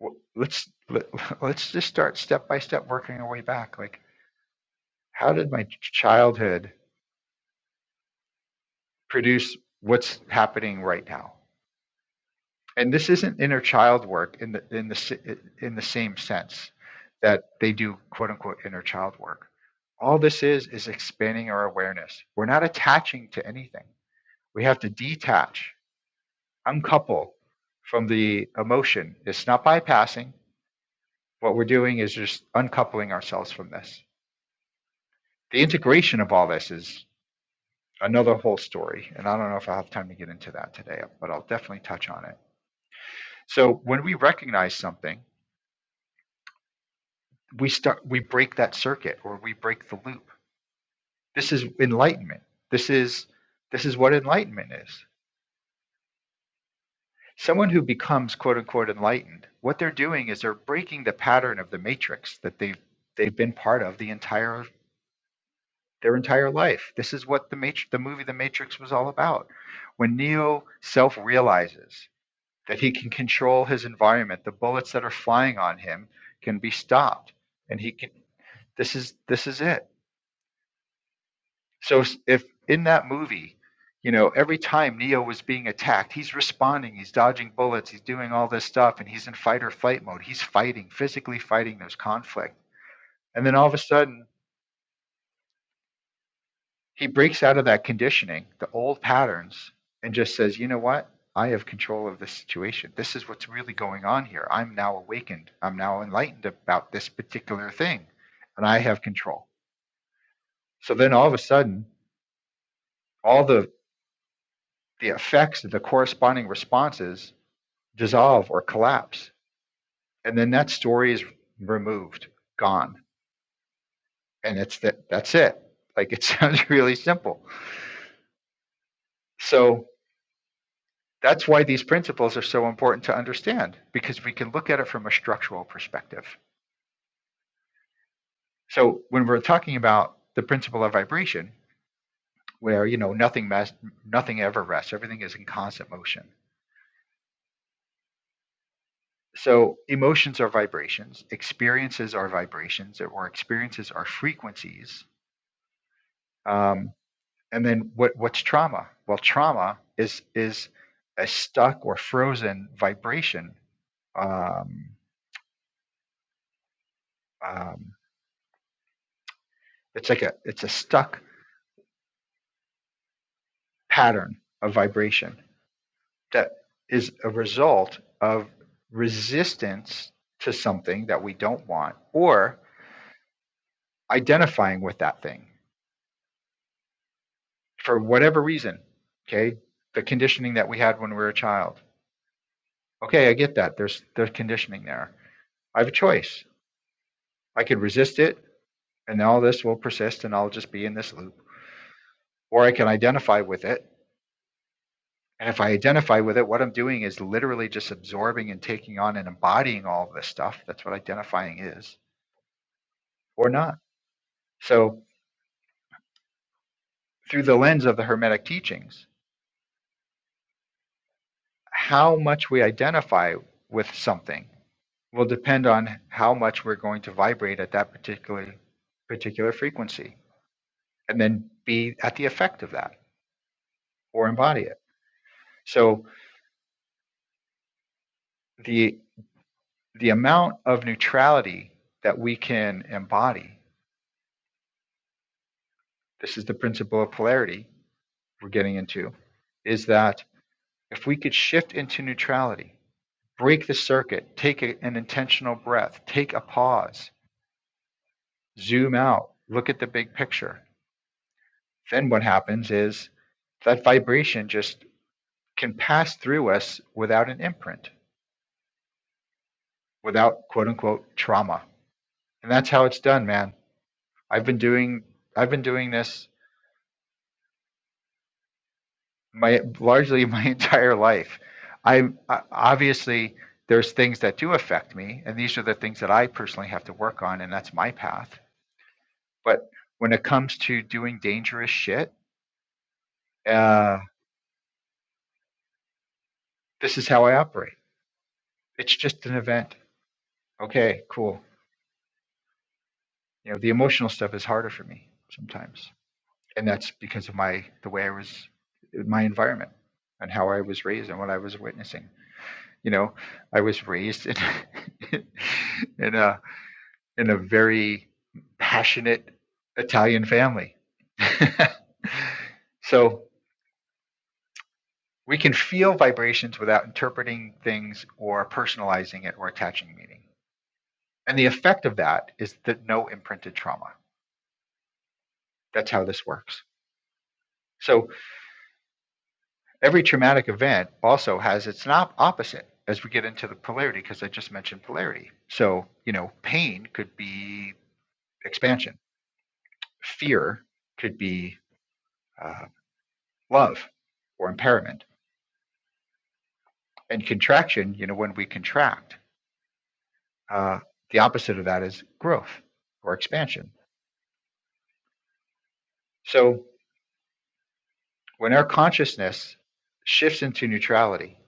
[SPEAKER 1] w- let's let, let's just start step by step working our way back like how did my ch- childhood produce what's happening right now and this isn't inner child work in the in the s- in the same sense that they do quote unquote inner child work all this is is expanding our awareness we're not attaching to anything we have to detach uncouple from the emotion it's not bypassing what we're doing is just uncoupling ourselves from this the integration of all this is another whole story. And I don't know if I'll have time to get into that today, but I'll definitely touch on it. So when we recognize something, we start we break that circuit or we break the loop. This is enlightenment. This is this is what enlightenment is. Someone who becomes quote unquote enlightened, what they're doing is they're breaking the pattern of the matrix that they've they've been part of the entire their entire life. This is what the matrix the movie The Matrix was all about. When Neo self realizes that he can control his environment. The bullets that are flying on him can be stopped, and he can. This is this is it. So if in that movie, you know, every time Neo was being attacked, he's responding, he's dodging bullets, he's doing all this stuff, and he's in fight or flight mode. He's fighting, physically fighting those conflict. And then all of a sudden, he breaks out of that conditioning, the old patterns, and just says, you know what? I have control of this situation. This is what's really going on here. I'm now awakened. I'm now enlightened about this particular thing, and I have control. So then all of a sudden, all the, the effects of the corresponding responses dissolve or collapse. And then that story is removed, gone. And it's that that's it. Like it sounds really simple. So That's why these principles are so important to understand because we can look at it from a structural perspective. So when we're talking about the principle of vibration, where you know nothing mas- nothing ever rests, everything is in constant motion. So emotions are vibrations, experiences are vibrations, or experiences are frequencies. Um, and then what what's trauma? Well, trauma is is a stuck or frozen vibration um, um, it's like a it's a stuck pattern of vibration that is a result of resistance to something that we don't want or identifying with that thing for whatever reason okay the conditioning that we had when we were a child okay i get that there's there's conditioning there i have a choice i could resist it and all this will persist and i'll just be in this loop or i can identify with it and if i identify with it what i'm doing is literally just absorbing and taking on and embodying all of this stuff that's what identifying is or not. So, through the lens of the Hermetic teachings, how much we identify with something will depend on how much we're going to vibrate at that particular particular frequency, and then be at the effect of that or embody it. So, the the amount of neutrality that we can embody, this is the principle of polarity we're getting into, is that if we could shift into neutrality break the circuit, take a, an intentional breath, take a pause, zoom out, look at the big picture. Then what happens is that vibration just can pass through us without an imprint, without quote unquote trauma. And that's how it's done, man. I've been doing I've been doing this my largely my entire life. I I- obviously there's things that do affect me and these are the things that I personally have to work on and that's my path But when it comes to doing dangerous shit, uh, this is how I operate. It's just an event. Okay, cool. You know, the emotional stuff is harder for me sometimes, and that's because of my the way I was, my environment, and how I was raised and what I was witnessing. You know, I was raised in in a in a very passionate Italian family. so We can feel vibrations without interpreting things or personalizing it or attaching meaning. And the effect of that is that no imprinted trauma. That's how this works. So every traumatic event also has its opposite as we get into the polarity, because I just mentioned polarity. So, you know, pain could be expansion, fear could be uh, love or impairment. And contraction, you know, when we contract, uh, the opposite of that is growth or expansion. So, When our consciousness shifts into neutrality,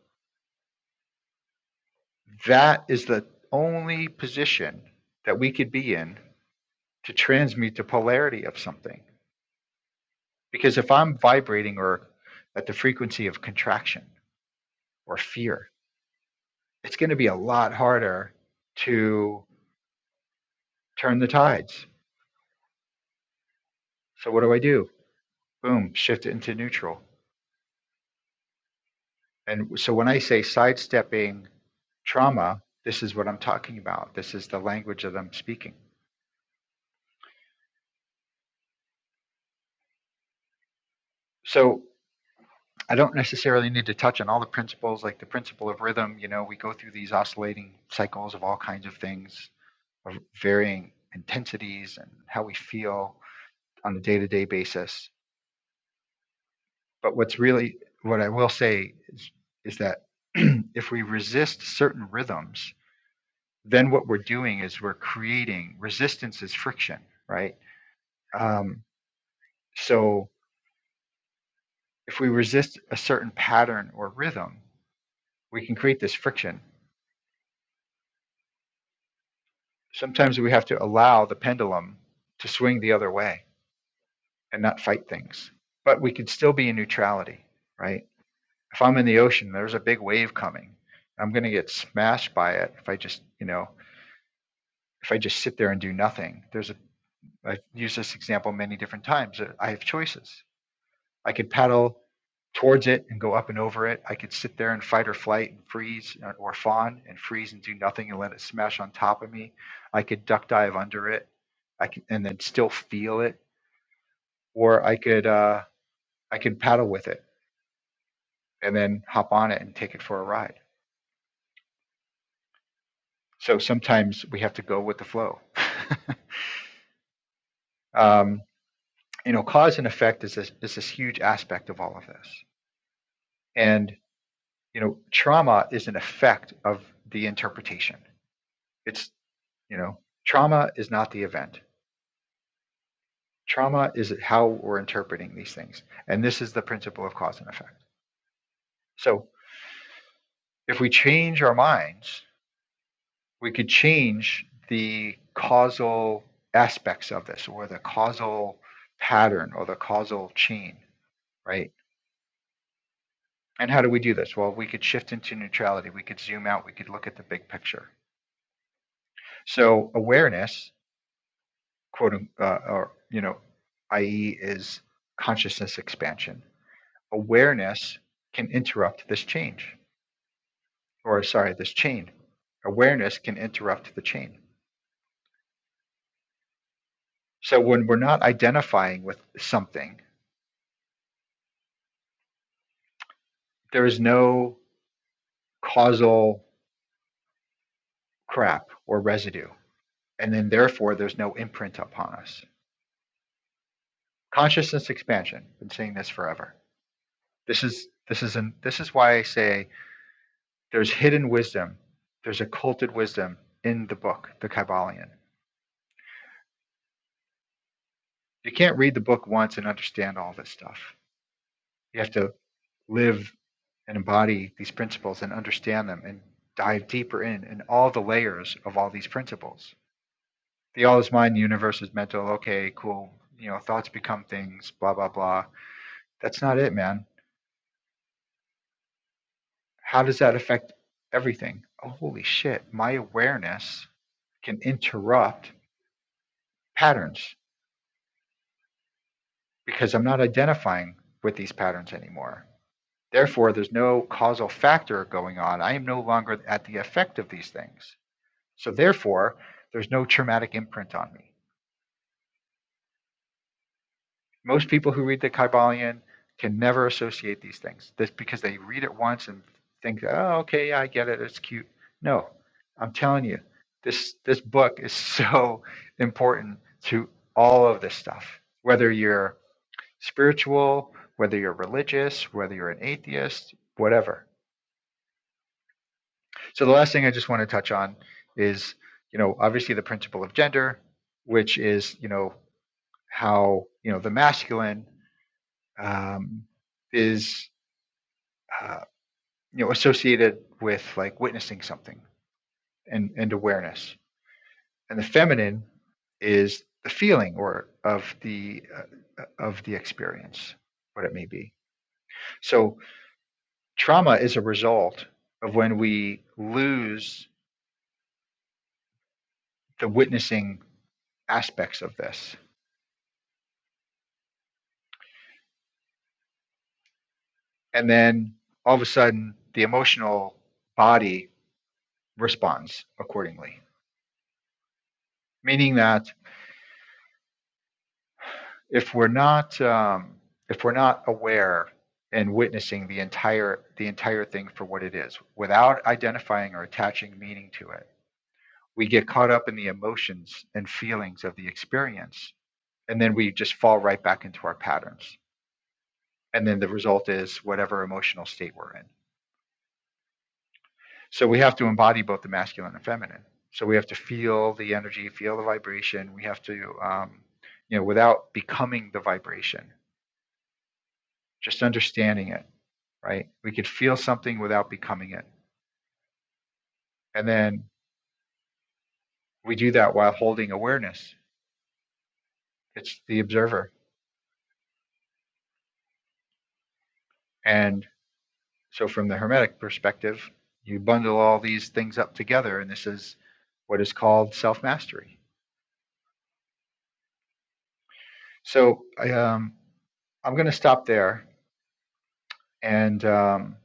[SPEAKER 1] that is the only position that we could be in to transmute the polarity of something. Because if I'm vibrating or at the frequency of contraction or fear, it's going to be a lot harder to turn the tides. So, what do I do? Boom, shift it into neutral. And so, when I say sidestepping trauma, this is what I'm talking about. This is the language that I'm speaking. So, I don't necessarily need to touch on all the principles, like the principle of rhythm. You know, we go through these oscillating cycles of all kinds of things, of varying intensities and how we feel on a day to day basis. But what's really, what I will say is, is that if we resist certain rhythms, then what we're doing is we're creating resistance is friction, right? Um, so if we resist a certain pattern or rhythm, we can create this friction sometimes we have to allow the pendulum to swing the other way and not fight things. But we could still be in neutrality, right? If I'm in the ocean, there's a big wave coming. I'm going to get smashed by it if I just, you know, if I just sit there and do nothing. There's a I've used this example many different times. I have choices. I could paddle towards it and go up and over it. I could sit there and fight or flight and freeze uh, or fawn and freeze and do nothing and let it smash on top of me. I could duck dive under it. I can and then still feel it, or I could uh, I could paddle with it and then hop on it and take it for a ride. So sometimes we have to go with the flow. um, you know, cause and effect is this, is this huge aspect of all of this, and you know, trauma is an effect of the interpretation. It's You know, trauma is not the event. Trauma is how we're interpreting these things. And this is the principle of cause and effect. So if we change our minds, we could change the causal aspects of this or the causal pattern or the causal chain, right? And how do we do this? Well, we could shift into neutrality. We could zoom out. We could look at the big picture. So awareness, quote, un- uh, or, you know, i.e., is consciousness expansion. Awareness can interrupt this change, or sorry, this chain. Awareness can interrupt the chain. So when we're not identifying with something, there is no causal crap or residue. And then therefore, there's no imprint upon us. Consciousness expansion. Been saying this forever. This is this is an, this is why I say there's hidden wisdom. There's occulted wisdom in the book, the Kybalion. You can't read the book once and understand all this stuff. You have to live and embody these principles and understand them and dive deeper in in all the layers of all these principles. The all is mind, the universe is mental. Okay, cool. You know, thoughts become things, blah, blah, blah. That's not it, man. How does that affect everything? Oh, holy shit. My awareness can interrupt patterns because I'm not identifying with these patterns anymore. Therefore, there's no causal factor going on. I am no longer at the effect of these things. So therefore, there's no traumatic imprint on me. Most people who read the Kybalion can never associate these things. That's because they read it once and think, "Oh, okay, yeah, I get it. It's cute." No, I'm telling you, this this book is so important to all of this stuff. Whether you're spiritual, whether you're religious, whether you're an atheist, whatever. So the last thing I just want to touch on is, you know, obviously the principle of gender, which is, you know, how you know the masculine um, is uh, you know associated with like witnessing something and, and awareness, and the feminine is the feeling or of the uh, of the experience, what it may be. So trauma is a result of when we lose the witnessing aspects of this, and then all of a sudden the emotional body responds accordingly, meaning that if we're not um, if we're not aware and witnessing the entire the entire thing for what it is without identifying or attaching meaning to it we get caught up in the emotions and feelings of the experience and then we just fall right back into our patterns and then the result is whatever emotional state we're in so we have to embody both the masculine and feminine so we have to feel the energy feel the vibration we have to um, you know without becoming the vibration just understanding it right? We could feel something without becoming it. And then we do that while holding awareness. It's the observer. And so, from the Hermetic perspective, you bundle all these things up together, and this is what is called self mastery. So, I, um, I'm going to stop there. And, um,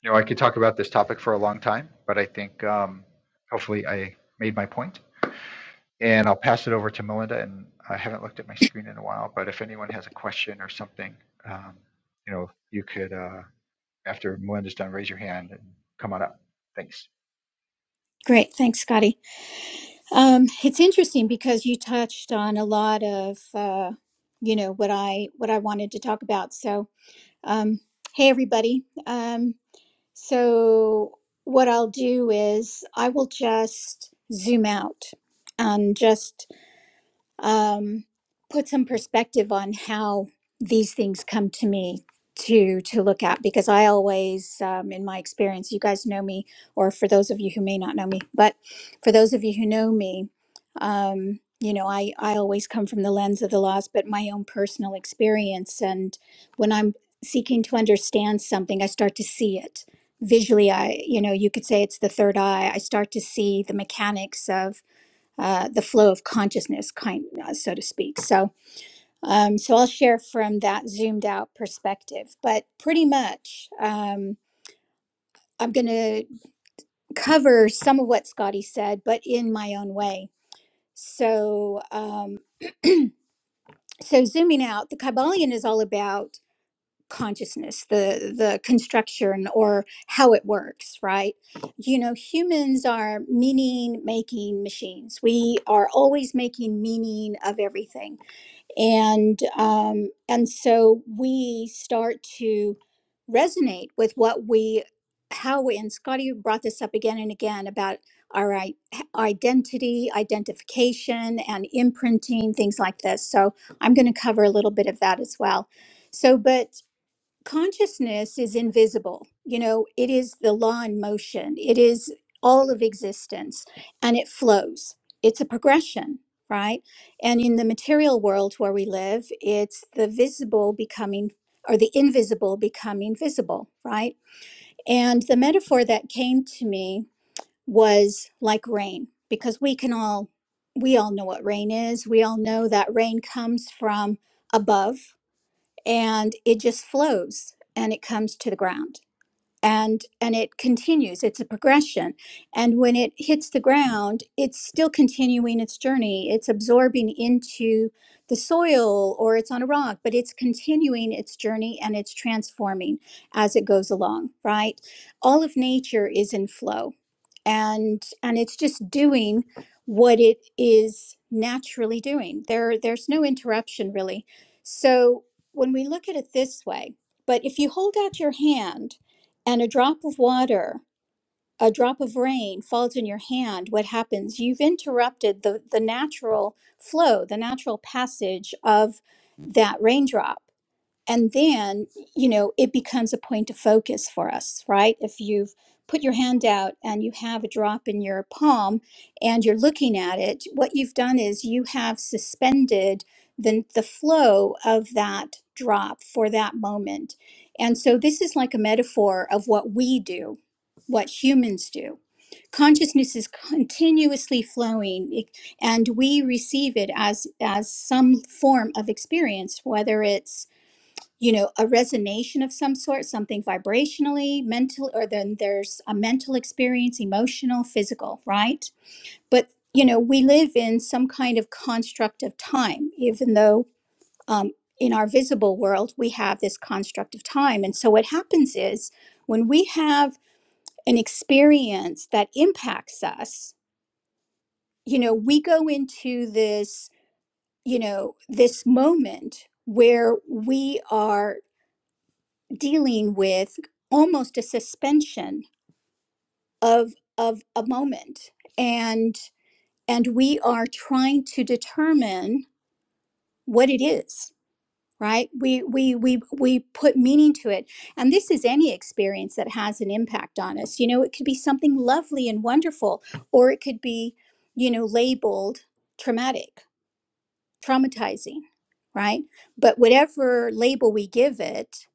[SPEAKER 1] you know, I could talk about this topic for a long time, but I think um, hopefully I made my point. And I'll pass it over to Melinda, and I haven't looked at my screen in a while, but if anyone has a question or something, um, you know, you could, uh, after Melinda's done, raise your hand and come on up. Thanks.
[SPEAKER 2] Great. Thanks, Scotty. Um, it's interesting because you touched on a lot of, uh, you know, what I what I wanted to talk about. So, um, hey everybody. Um, so what I'll do is I will just zoom out and just um, put some perspective on how these things come to me to to look at because i always um, in my experience you guys know me or for those of you who may not know me but for those of you who know me um, you know i i always come from the lens of the loss but my own personal experience and when i'm seeking to understand something i start to see it visually i you know you could say it's the third eye i start to see the mechanics of uh, the flow of consciousness, kind uh, so to speak. So, um, so I'll share from that zoomed out perspective. But pretty much, um, I'm going to cover some of what Scotty said, but in my own way. So, um, so zooming out, the Kybalion is all about consciousness, the the construction or how it works, right? You know, humans are meaning making machines. We are always making meaning of everything and um, and so we start to resonate with what we how we and Scotty brought this up again and again about our i- identity, identification, and imprinting things like this. So I'm going to cover a little bit of that as well. So, but consciousness is invisible. You know, it is the law in motion, it is all of existence, and it flows. It's a progression, right? And in the material world where we live, it's the visible becoming or the invisible becoming visible, right? And the metaphor that came to me was like rain, because we can all. We all know what rain is. We all know that rain comes from above and it just flows and it comes to the ground and and it continues it's a progression and when it hits the ground it's still continuing its journey it's absorbing into the soil or it's on a rock but it's continuing its journey and it's transforming as it goes along right all of nature is in flow and and it's just doing what it is naturally doing there there's no interruption really so when we look at it this way but if you hold out your hand and a drop of water, a drop of rain falls in your hand, what happens? You've interrupted the, the natural flow, the natural passage of that raindrop and then you know it becomes a point of focus for us right if you've put your hand out and you have a drop in your palm and you're looking at it what you've done is you have suspended the, the flow of that drop for that moment and so this is like a metaphor of what we do what humans do consciousness is continuously flowing it- and we receive it as as some form of experience whether it's you know a resonation of some sort something vibrationally mental or then there's a mental experience emotional physical right but you know we live in some kind of construct of time even though um, in our visible world we have this construct of time and so what happens is when we have an experience that impacts us you know we go into this you know this moment where we are dealing with almost a suspension of of a moment and and we are trying to determine what it is right we we we we put meaning to it and this is any experience that has an impact on us you know it could be something lovely and wonderful or it could be you know labeled traumatic traumatizing right but whatever label we give it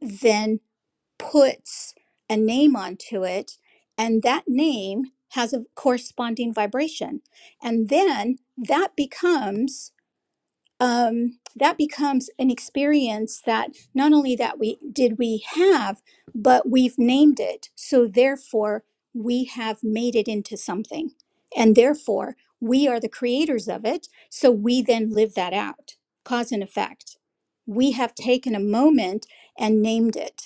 [SPEAKER 2] then puts a name onto it, and that name has a corresponding vibration, and then that becomes um, that becomes an experience that not only that we did we have, but we've named it. So therefore, we have made it into something, and therefore we are the creators of it. So we then live that out, cause and effect. We have taken a moment and named it.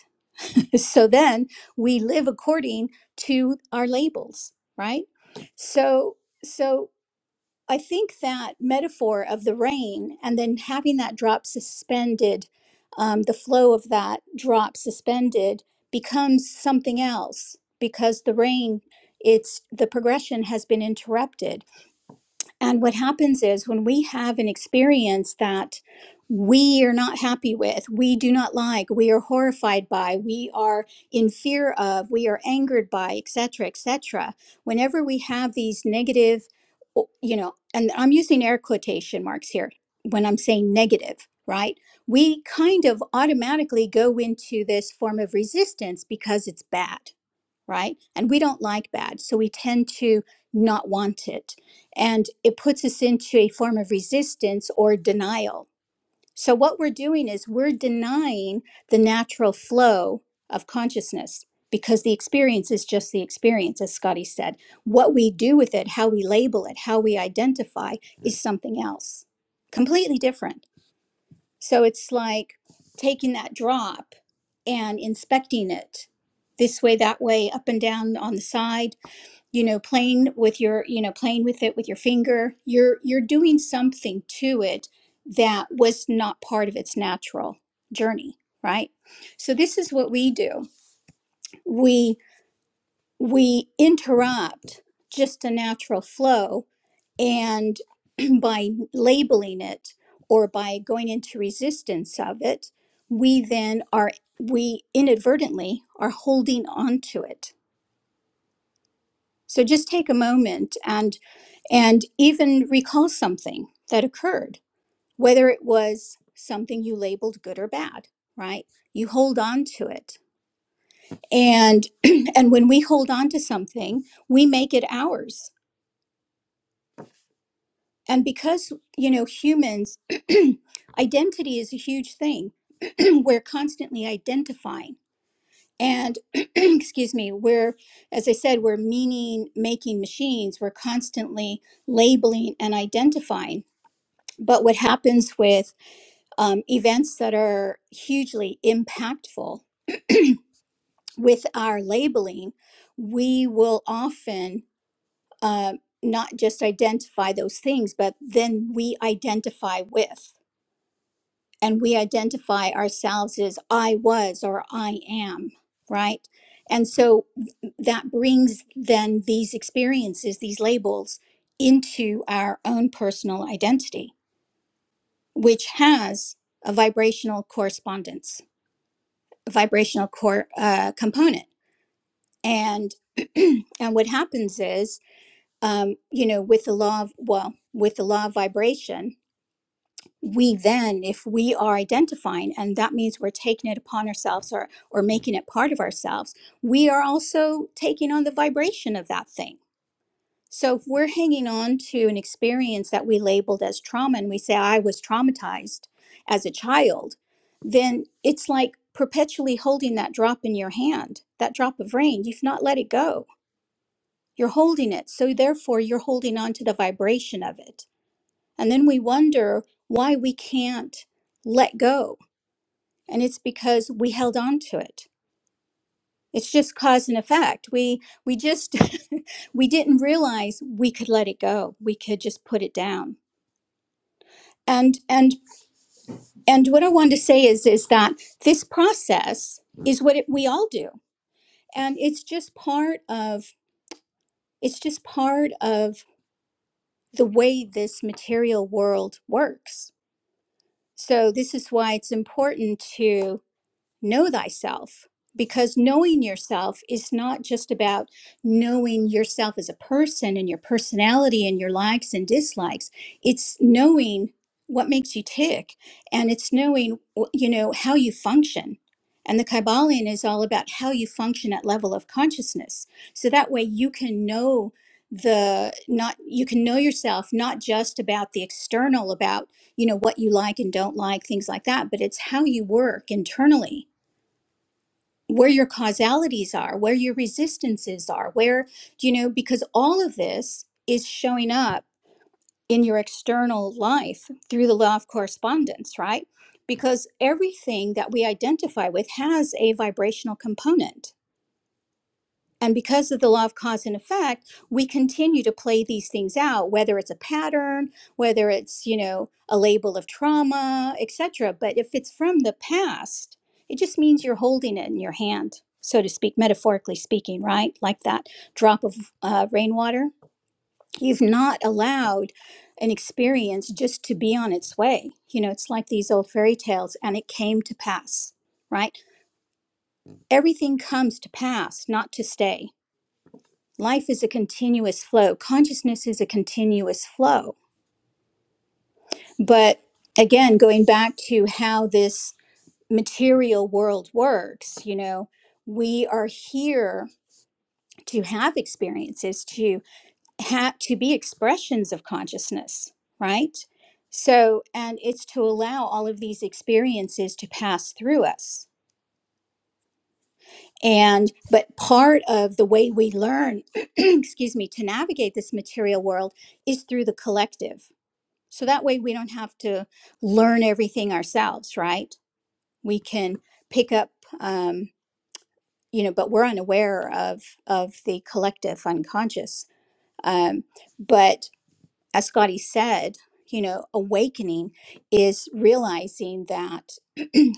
[SPEAKER 2] so then we live according to our labels right so so i think that metaphor of the rain and then having that drop suspended um, the flow of that drop suspended becomes something else because the rain it's the progression has been interrupted and what happens is when we have an experience that we are not happy with, we do not like, we are horrified by, we are in fear of, we are angered by, etc., etc. Whenever we have these negative, you know, and I'm using air quotation marks here when I'm saying negative, right? We kind of automatically go into this form of resistance because it's bad right? And we don't like bad, so we tend to not want it. And it puts us into a form of resistance or denial. So, what we're doing is we're denying the natural flow of consciousness because the experience is just the experience, as Scotty said. What we do with it, how we label it, how we identify is something else, completely different. So, it's like taking that drop and inspecting it this way that way up and down on the side you know playing with your you know playing with it with your finger you're you're doing something to it that was not part of its natural journey right so this is what we do we we interrupt just a natural flow and by labeling it or by going into resistance of it, we then are, we inadvertently are holding on to it. So just take a moment and, and even recall something that occurred, whether it was something you labeled good or bad, right? You hold on to it. And, and when we hold on to something, we make it ours And because, you know, humans, identity is a huge thing. we're constantly identifying. And, excuse me, we're, as I said, we're meaning making machines. We're constantly labeling and identifying. But what happens with um, events that are hugely impactful with our labeling, we will often uh, not just identify those things, but then we identify with. and we identify ourselves as I was or I am, right? And so that brings then these experiences, these labels into our own personal identity, which has a vibrational correspondence, a vibrational core uh, component. And and what happens is, um, you know, with the law of well, with the law of vibration, we then if we are identifying and that means we're taking it upon ourselves or or making it part of ourselves we are also taking on the vibration of that thing so if we're hanging on to an experience that we labeled as trauma and we say i was traumatized as a child then it's like perpetually holding that drop in your hand that drop of rain you've not let it go you're holding it so therefore you're holding on to the vibration of it and then we wonder why we can't let go. And it's because we held on to it. It's just cause and effect. We we just we didn't realize we could let it go. We could just put it down. And and and what I want to say is is that this process is what it, we all do. And it's just part of it's just part of the way this material world works. So this is why it's important to. know thyself because knowing yourself is not just about knowing yourself as a person and your personality and your likes and dislikes it's knowing what makes you tick and it's knowing you know how you function and the kybalion is all about how you function at level of consciousness so that way you can know the not you can know yourself not just about the external about you know what you like and don't like things like that but it's how you work internally where your causalities are, where your resistances are, where, you know, because all of this is showing up in your external life through the law of correspondence, right? Because everything that we identify with has a vibrational component and because of the law of cause and effect, we continue to play these things out, whether it's a pattern, whether it's, you know, a label of trauma, etc. But if it's from the past, it just means you're holding it in your hand, so to speak, metaphorically speaking, right? Like that drop of uh, rainwater. You've not allowed an experience just to be on its way. You know, it's like these old fairy tales, and it came to pass, right? Everything comes to pass, not to stay Life is a continuous flow. Consciousness is a continuous flow. But again, going back to how this material world works, you know, we are here to have experiences, to have to be expressions of consciousness, right? So, and it's to allow all of these experiences to pass through us. And but part of the way we learn, excuse me, to navigate this material world is through the collective So that way we don't have to learn everything ourselves, right? We can pick up, um, you know, but we're unaware of of the collective unconscious. Um, but as Scotty said, you know, awakening is realizing that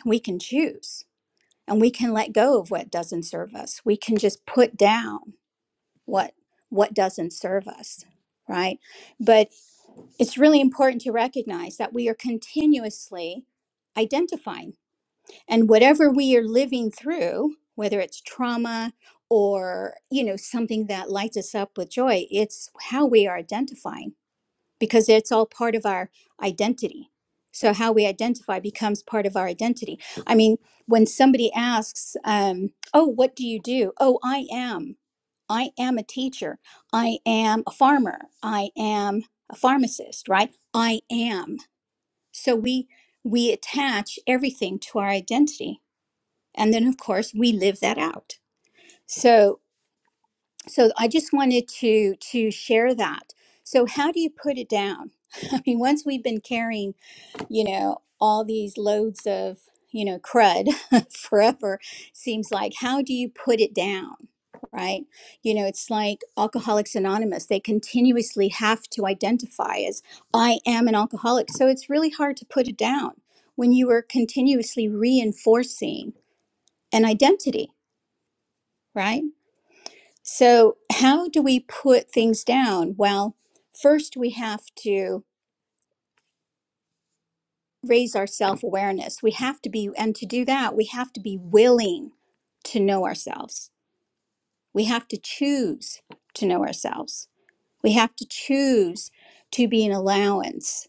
[SPEAKER 2] we can choose and we can let go of what doesn't serve us. We can just put down what what doesn't serve us, right? But it's really important to recognize that we are continuously identifying and whatever we are living through whether it's trauma or you know something that lights us up with joy it's how we are identifying because it's all part of our identity. So how we identify becomes part of our identity. I mean, when somebody asks, um, "Oh, what do you do?" "Oh, I am. I am a teacher. I am a farmer. I am a pharmacist." Right? I am. So we we attach everything to our identity, and then of course we live that out. So so I just wanted to to share that. So how do you put it down? I mean, once we've been carrying you know, all these loads of, you know, crud forever seems like how do you put it down, right? You know, it's like Alcoholics Anonymous. They continuously have to identify as, I am an alcoholic. So it's really hard to put it down when you are continuously reinforcing an identity, right? So, how do we put things down? Well, first we have to raise our self awareness. We have to be, and to do that, we have to be willing to know ourselves. We have to choose to know ourselves. We have to choose to be an allowance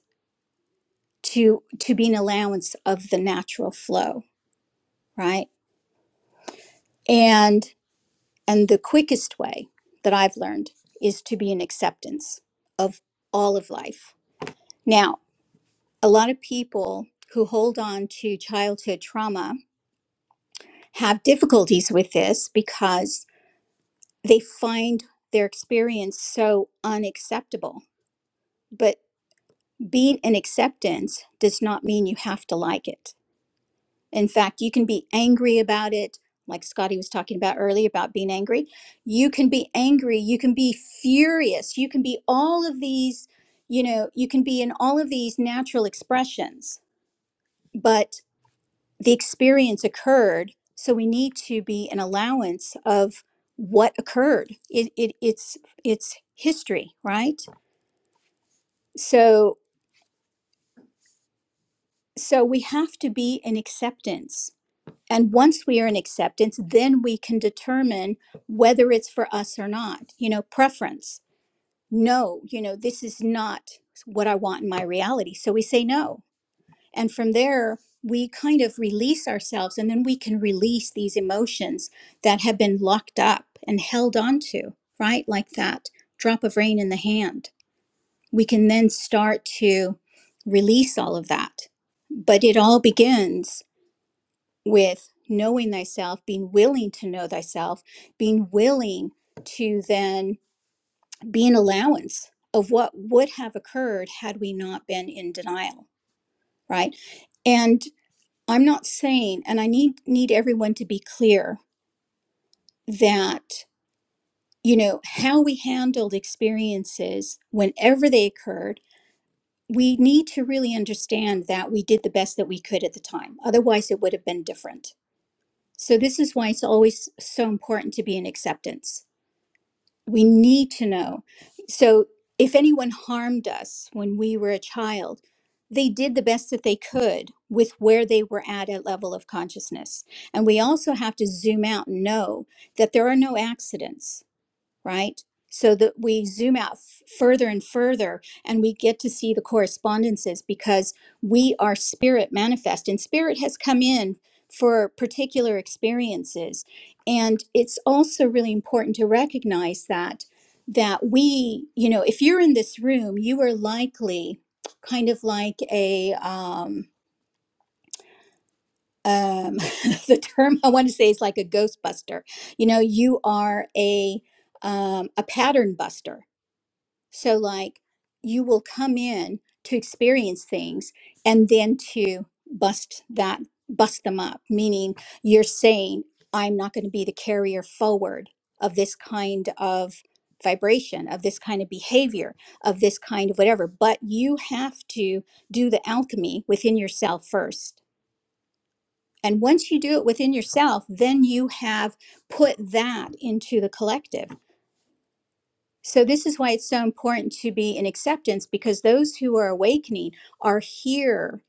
[SPEAKER 2] to to be an allowance of the natural flow, right? And and the quickest way that I've learned is to be an acceptance of all of life. Now, a lot of people who hold on to childhood trauma have difficulties with this because they find their experience so unacceptable. But being in acceptance does not mean you have to like it. In fact, you can be angry about it, like Scotty was talking about earlier about being angry. You can be angry, you can be furious, you can be all of these, you know, you can be in all of these natural expressions. But the experience occurred so we need to be an allowance of what occurred it, it it's it's history right so so we have to be in acceptance and once we are in acceptance then we can determine whether it's for us or not you know preference no you know this is not what i want in my reality so we say no And from there, we kind of release ourselves and then we can release these emotions that have been locked up and held onto, right? Like that drop of rain in the hand. We can then start to release all of that. But it all begins with knowing thyself, being willing to know thyself, being willing to then be an allowance of what would have occurred had we not been in denial, right? And I'm not saying, and I need need everyone to be clear that you know how we handled experiences whenever they occurred. We need to really understand that we did the best that we could at the time. Otherwise, it would have been different. So this is why it's always so important to be in acceptance we need to know. So, if anyone harmed us when we were a child, they did the best that they could with where they were at at level of consciousness. And we also have to zoom out and know that there are no accidents right? So that we zoom out f- further and further and we get to see the correspondences because we are spirit manifest and spirit has come in for particular experiences. And it's also really important to recognize that that we, you know, if you're in this room, you are likely kind of like a um um the term I want to say is like a ghostbuster. You know, you are a um a pattern buster so, like, you will come in to experience things and then to bust that, bust them up, meaning you're saying, I'm not going to be the carrier forward of this kind of vibration, of this kind of behavior, of this kind of whatever. But you have to do the alchemy within yourself first. And once you do it within yourself, then you have put that into the collective so, this is why it's so important to be in acceptance because those who are awakening are here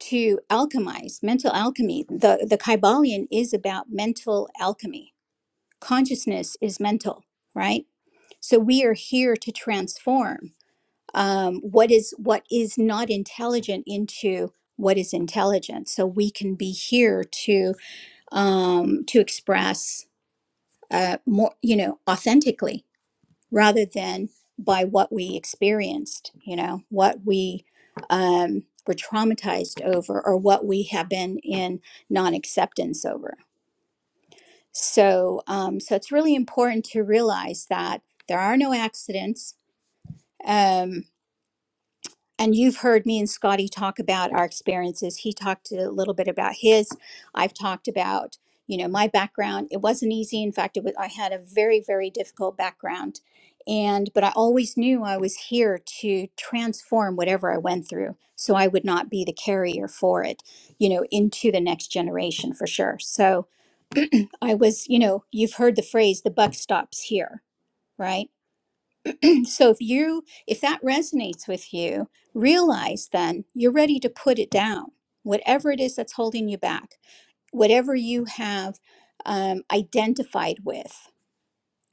[SPEAKER 2] to alchemize mental alchemy. The, the Kybalion is about mental alchemy, consciousness is mental, right? So, we are here to transform um, what is what is not intelligent into what is intelligent so we can be here to um to express uh more you know authentically rather than by what we experienced, you know, what we um, were traumatized over or what we have been in non acceptance over. So, um, so it's really important to realize that there are no accidents. Um, and you've heard me and Scotty talk about our experiences. He talked a little bit about his. I've talked about, you know, my background. It wasn't easy. In fact, it was, I had a very, very difficult background. And, but I always knew I was here to transform whatever I went through so I would not be the carrier for it, you know, into the next generation for sure. So I was, you know, you've heard the phrase, the buck stops here, right? So if you if that resonates with you, realize then you're ready to put it down. Whatever it is that's holding you back, whatever you have um, identified with,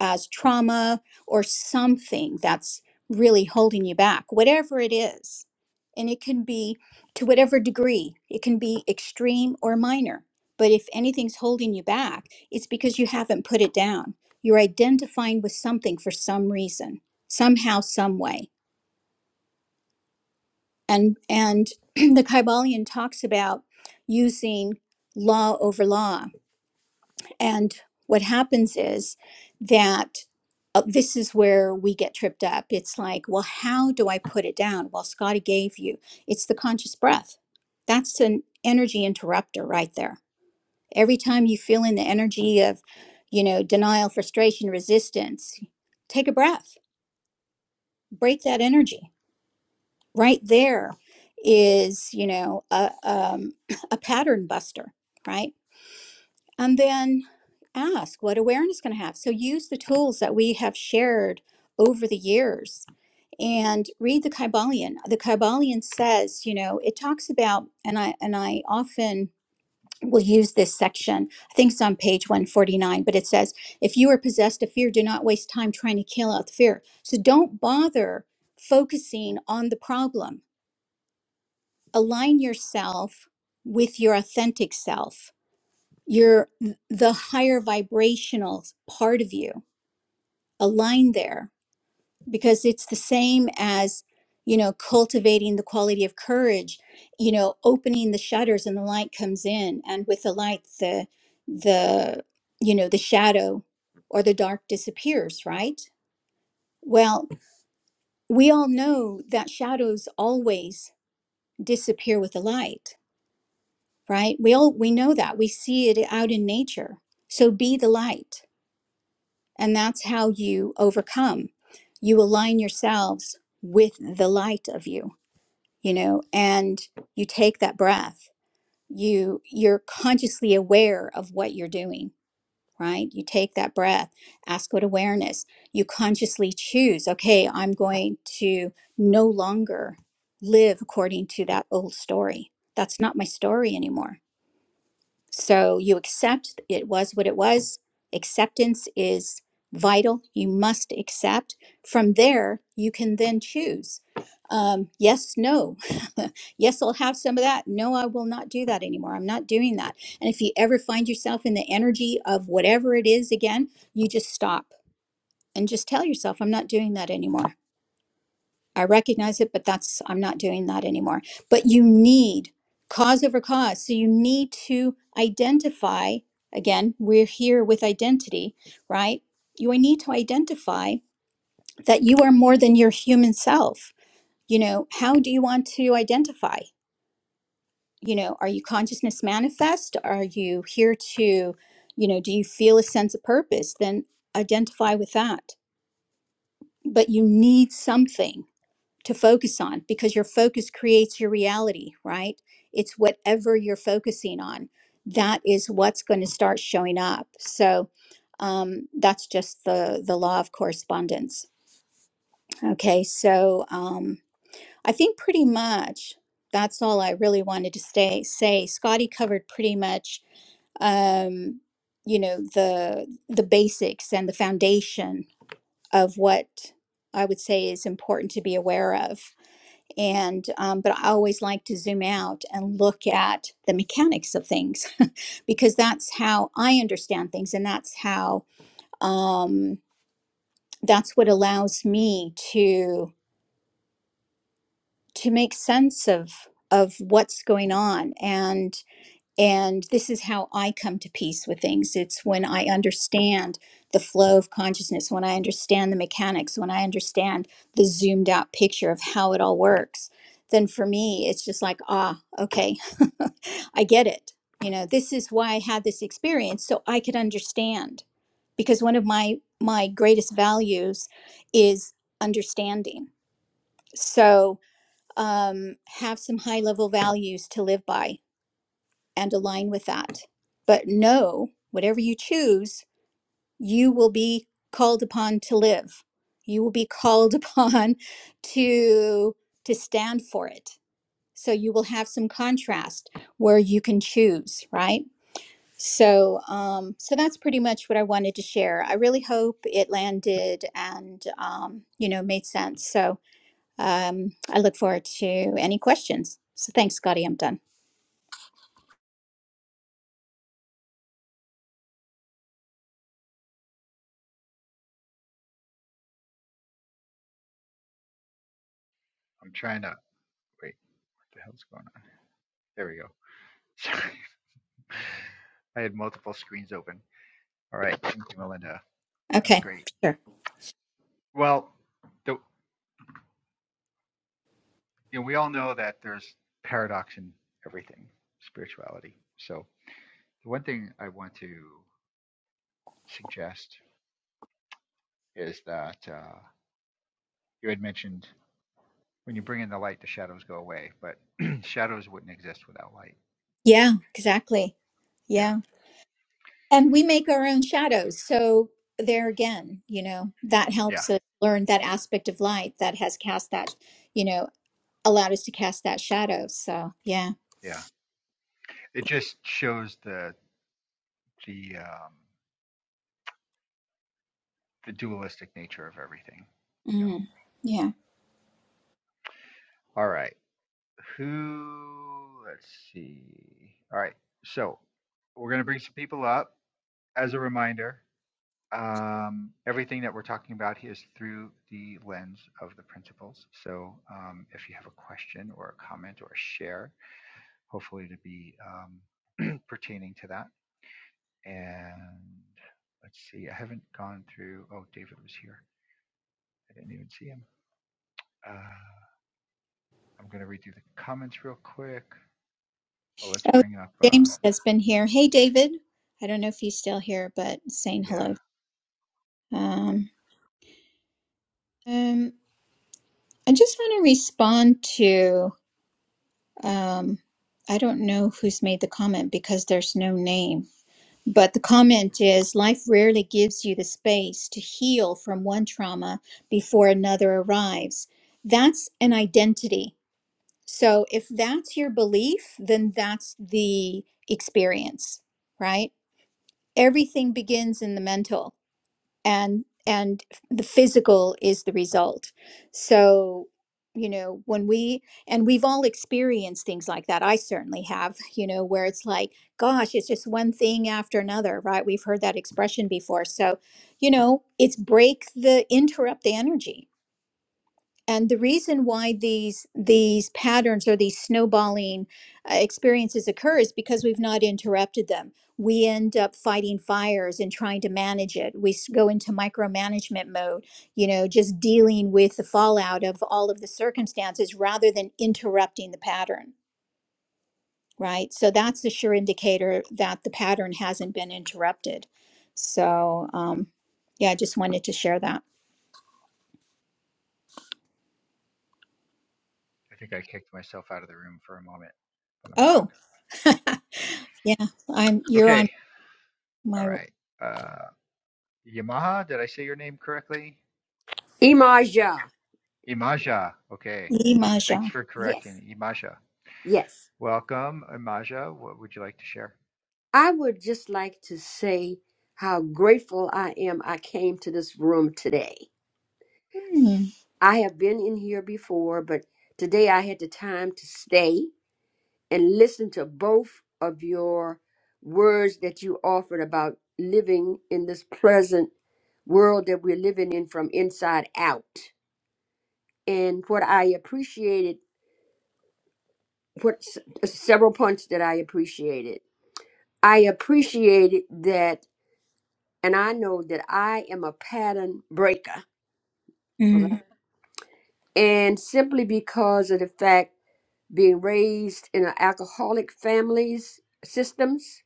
[SPEAKER 2] as trauma or something that's really holding you back, whatever it is. And it can be to whatever degree, it can be extreme or minor. But if anything's holding you back, it's because you haven't put it down. You're identifying with something for some reason, somehow, some way. And and the Kybalion talks about using law over law And what happens is that uh, this is where we get tripped up. It's like, well, how do I put it down? Well, Scotty gave you. It's the conscious breath. That's an energy interrupter right there. Every time you feel in the energy of, you know, denial, frustration, resistance, take a breath, break that energy. Right there is, you know, a, um, a pattern buster, right? and then ask what awareness can I have. So use the tools that we have shared over the years and read the Kybalion. The Kybalion says, you know, it talks about, and I and I often will use this section. I think it's on page 149, but it says, if you are possessed of fear, do not waste time trying to kill out the fear. So don't bother focusing on the problem. Align yourself with your authentic self your the higher vibrational part of you aligned there because it's the same as you know cultivating the quality of courage you know opening the shutters and the light comes in and with the light the the you know the shadow or the dark disappears right well we all know that shadows always disappear with the light right we all we know that we see it out in nature so be the light And that's how you overcome. You align yourselves with the light of you, you know, and you take that breath. You you're consciously aware of what you're doing, right? You take that breath. Ask what awareness. You consciously choose, okay, I'm going to no longer live according to that old story. That's not my story anymore so you accept it was what it was. Acceptance is vital. You must accept. From there, you can then choose. Um, yes, no. yes, I'll have some of that. No, I will not do that anymore. I'm not doing that. And if you ever find yourself in the energy of whatever it is again, you just stop and just tell yourself, I'm not doing that anymore. I recognize it, but that's, I'm not doing that anymore. But you need cause over cause. So you need to identify, again, we're here with identity, right? You need to identify that you are more than your human self. You know, how do you want to identify? You know, are you consciousness manifest? Are you here to, you know, do you feel a sense of purpose? Then identify with that. But you need something to focus on because your focus creates your reality, right? It's whatever you're focusing on. That is what's going to start showing up. So um, that's just the the law of correspondence. Okay, so um, I think pretty much that's all I really wanted to stay, say. Scotty covered pretty much, um, you know, the the basics and the foundation of what I would say is important to be aware of and um, but i always like to zoom out and look at the mechanics of things because that's how i understand things and that's how um, that's what allows me to to make sense of of what's going on and And this is how I come to peace with things. It's when I understand the flow of consciousness, when I understand the mechanics, when I understand the zoomed out picture of how it all works. Then for me, it's just like, ah, okay, I get it. You know, this is why I had this experience so I could understand. Because one of my my greatest values is understanding. So um, have some high level values to live by and align with that. But know, whatever you choose, you will be called upon to live. You will be called upon to to stand for it. So you will have some contrast where you can choose, right? So um so that's pretty much what I wanted to share. I really hope it landed and um you know made sense. So um I look forward to any questions. So thanks Scotty, I'm done.
[SPEAKER 1] I'm trying to, wait, what the hell's going on? There we go. Sorry. I had multiple screens open. All right, thank you, Melinda. That was
[SPEAKER 2] Okay.
[SPEAKER 1] great.
[SPEAKER 2] Sure.
[SPEAKER 1] Well, the, you know, we all know that there's paradox in everything, spirituality. So the one thing I want to suggest is that. Uh, you had mentioned when you bring in the light, the shadows go away, but shadows wouldn't exist without light.
[SPEAKER 2] Yeah, exactly.
[SPEAKER 1] Yeah,
[SPEAKER 2] Yeah. And we make our own shadows. So there again, you know, that
[SPEAKER 1] yeah,
[SPEAKER 2] helps us learn that aspect of light that has cast that, you know, allowed us to cast that shadow. So yeah.
[SPEAKER 1] yeah. It just shows the the um, the dualistic nature of everything. You know.
[SPEAKER 2] Mm, yeah.
[SPEAKER 1] All right. Who? Let's see. All right. So we're gonna bring some people up. As a reminder, um, everything that we're talking about here is through the lens of the principles. So um, if you have a question or a comment or a share, hopefully to be um, pertaining to that. And let's see, I haven't gone through. Oh, David was here. I didn't even see him. Uh, I'm going to read through the comments real quick. Well, let's
[SPEAKER 2] Oh,
[SPEAKER 1] bring up. Uh,
[SPEAKER 2] James has been here. Hey, David. I don't know if he's still here, but saying
[SPEAKER 1] yeah,
[SPEAKER 2] hello. Um, um, I just want to respond to, um, I don't know who's made the comment because there's no name. But the comment is life rarely gives you the space to heal from one trauma before another arrives. That's an identity. So if that's your belief, then that's the experience, right? Everything begins in the mental and and the physical is the result so you know when we and we've all experienced things like that i certainly have you know where it's like gosh it's just one thing after another right we've heard that expression before so you know it's break the interrupt the energy and the reason why these these patterns or these snowballing uh, experiences occur is because we've not interrupted them we end up fighting fires and trying to manage it we s- go into micromanagement mode you know just dealing with the fallout of all of the circumstances rather than interrupting the pattern right so that's a sure indicator that the pattern hasn't been interrupted so um yeah i just wanted to share that
[SPEAKER 1] I think I kicked myself out of the room for a moment, but I'm back.
[SPEAKER 2] oh yeah i'm you're on
[SPEAKER 1] Okay. All
[SPEAKER 2] my
[SPEAKER 1] right. Uh, Yamaha, did I say your name correctly? Yep.
[SPEAKER 3] Imaja.
[SPEAKER 1] Imaja. Okay. Thanks
[SPEAKER 2] Imaja.
[SPEAKER 1] for
[SPEAKER 3] Yes,
[SPEAKER 1] correcting. Imaja.
[SPEAKER 3] yes.
[SPEAKER 1] Welcome, Imaja. What would you like to share?
[SPEAKER 3] I would just like to say how grateful I am I came to this room today.
[SPEAKER 2] Hmm.
[SPEAKER 3] I have been in here before, but today I had the time to stay and listen to both of your words that you offered about living in this present world that we're living in from inside out. And what I appreciated, what s- several points that I appreciated. I appreciated that and I know that I am a pattern breaker. all
[SPEAKER 2] Mm.
[SPEAKER 3] right? And simply because of the fact being raised in an alcoholic families systems,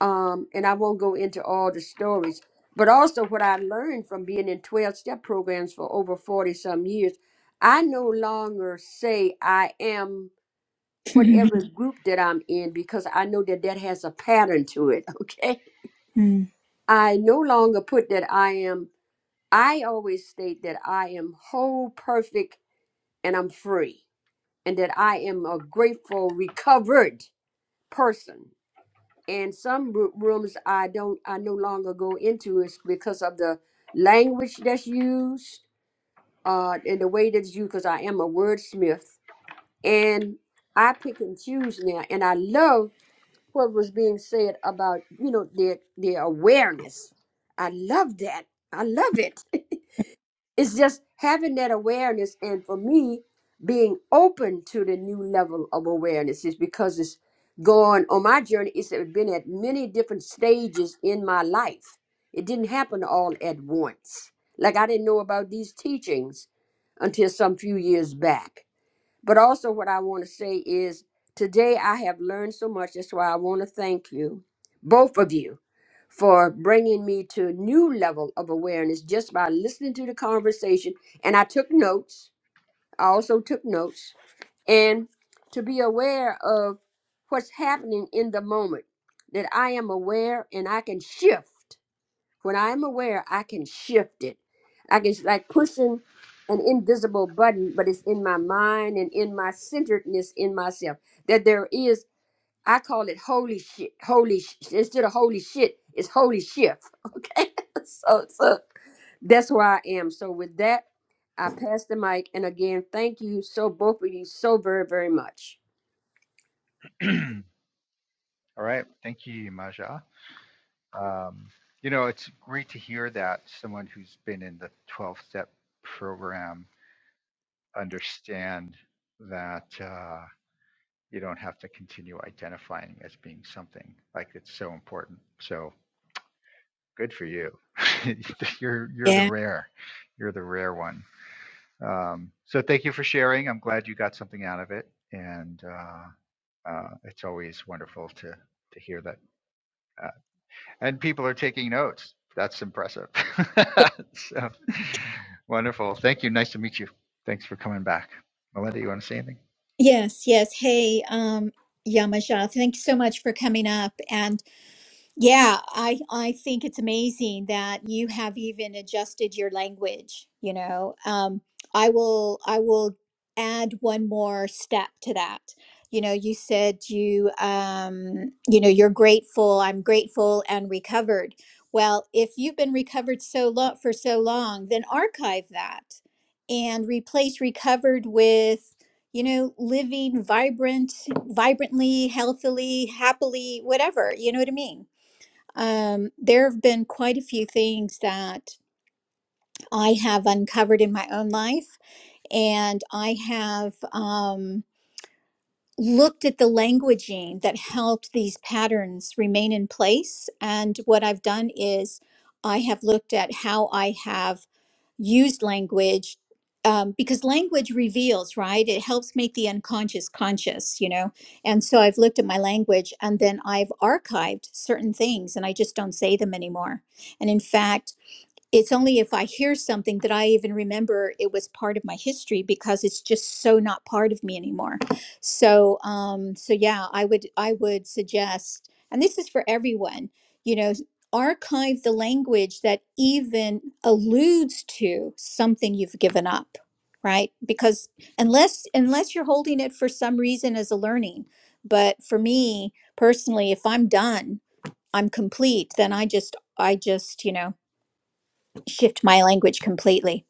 [SPEAKER 3] um, and I won't go into all the stories, but also what I learned from being in 12 step programs for over 40 some years, I no longer say I am whatever Mhm. group that I'm in because I know that that has a pattern to it, okay?
[SPEAKER 2] Mm.
[SPEAKER 3] I no longer put that I am I always state that I am whole, perfect, and I'm free, and that I am a grateful, recovered person. And some ru- rooms I don't, I no longer go into is because of the language that's used, uh, and the way that's used. Because I am a wordsmith, and I pick and choose now. And I love what was being said about you know their their awareness. I love that. I love it. it's just having that awareness and for me being open to the new level of awareness is because it's going on my journey it's been at many different stages in my life it didn't happen all at once like i didn't know about these teachings until some few years back but also, what I want to say is today I have learned so much. That's why I want to thank you, both of you, for bringing me to a new level of awareness just by listening to the conversation. And I took notes. I also took notes. And to be aware of what's happening in the moment, that I am aware and I can shift. When I'm aware, I can shift it. I can, like pushing an invisible button, but it's in my mind and in my centeredness in myself. That there is, I call it holy shit, holy, sh- instead of holy shit, it's holy shift. Okay. so, so that's where I am. So with that, I pass the mic. And again, thank you so both of you so very, very much.
[SPEAKER 1] All right. Thank you, Imaja. Um, you know, it's great to hear that someone who's been in the 12 step program understand that uh, you don't have to continue identifying as being something like it's so important. So good for you. you're you're the
[SPEAKER 2] yeah.
[SPEAKER 1] rare, you're the rare one. Um, so thank you for sharing. I'm glad you got something out of it, and uh, uh, it's always wonderful to to hear that And people are taking notes. That's impressive.
[SPEAKER 2] Yeah.
[SPEAKER 1] so wonderful. Thank you. Nice to meet you. Thanks for coming back. Melinda, you want to say anything?
[SPEAKER 2] Yes. Yes. Hey, um, Yamaja, thanks so much for coming up. and. Yeah, I I think it's amazing that you have even adjusted your language, you know. Um I will I will add one more step to that. You know, you said you um you know, you're grateful, I'm grateful and recovered. Well, if you've been recovered so long for so long, then archive that and replace recovered with you know living vibrant vibrantly healthily happily whatever you know what i mean um, there have been quite a few things that I have uncovered in my own life, and I have. Um, looked at the languaging that helped these patterns remain in place. And what I've done is I have looked at how I have used language um, because language reveals, right? It helps make the unconscious conscious, you know? And so I've looked at my language and then I've archived certain things and I just don't say them anymore. And in fact, it's only if I hear something that I even remember it was part of my history because it's just so not part of me anymore. So, um, so yeah, I would I would suggest, and this is for everyone, you know, archive the language that even alludes to something you've given up, right? Because unless unless you're holding it for some reason as a learning, but for me personally, if I'm done, I'm complete, then I just I just you know shift my language completely.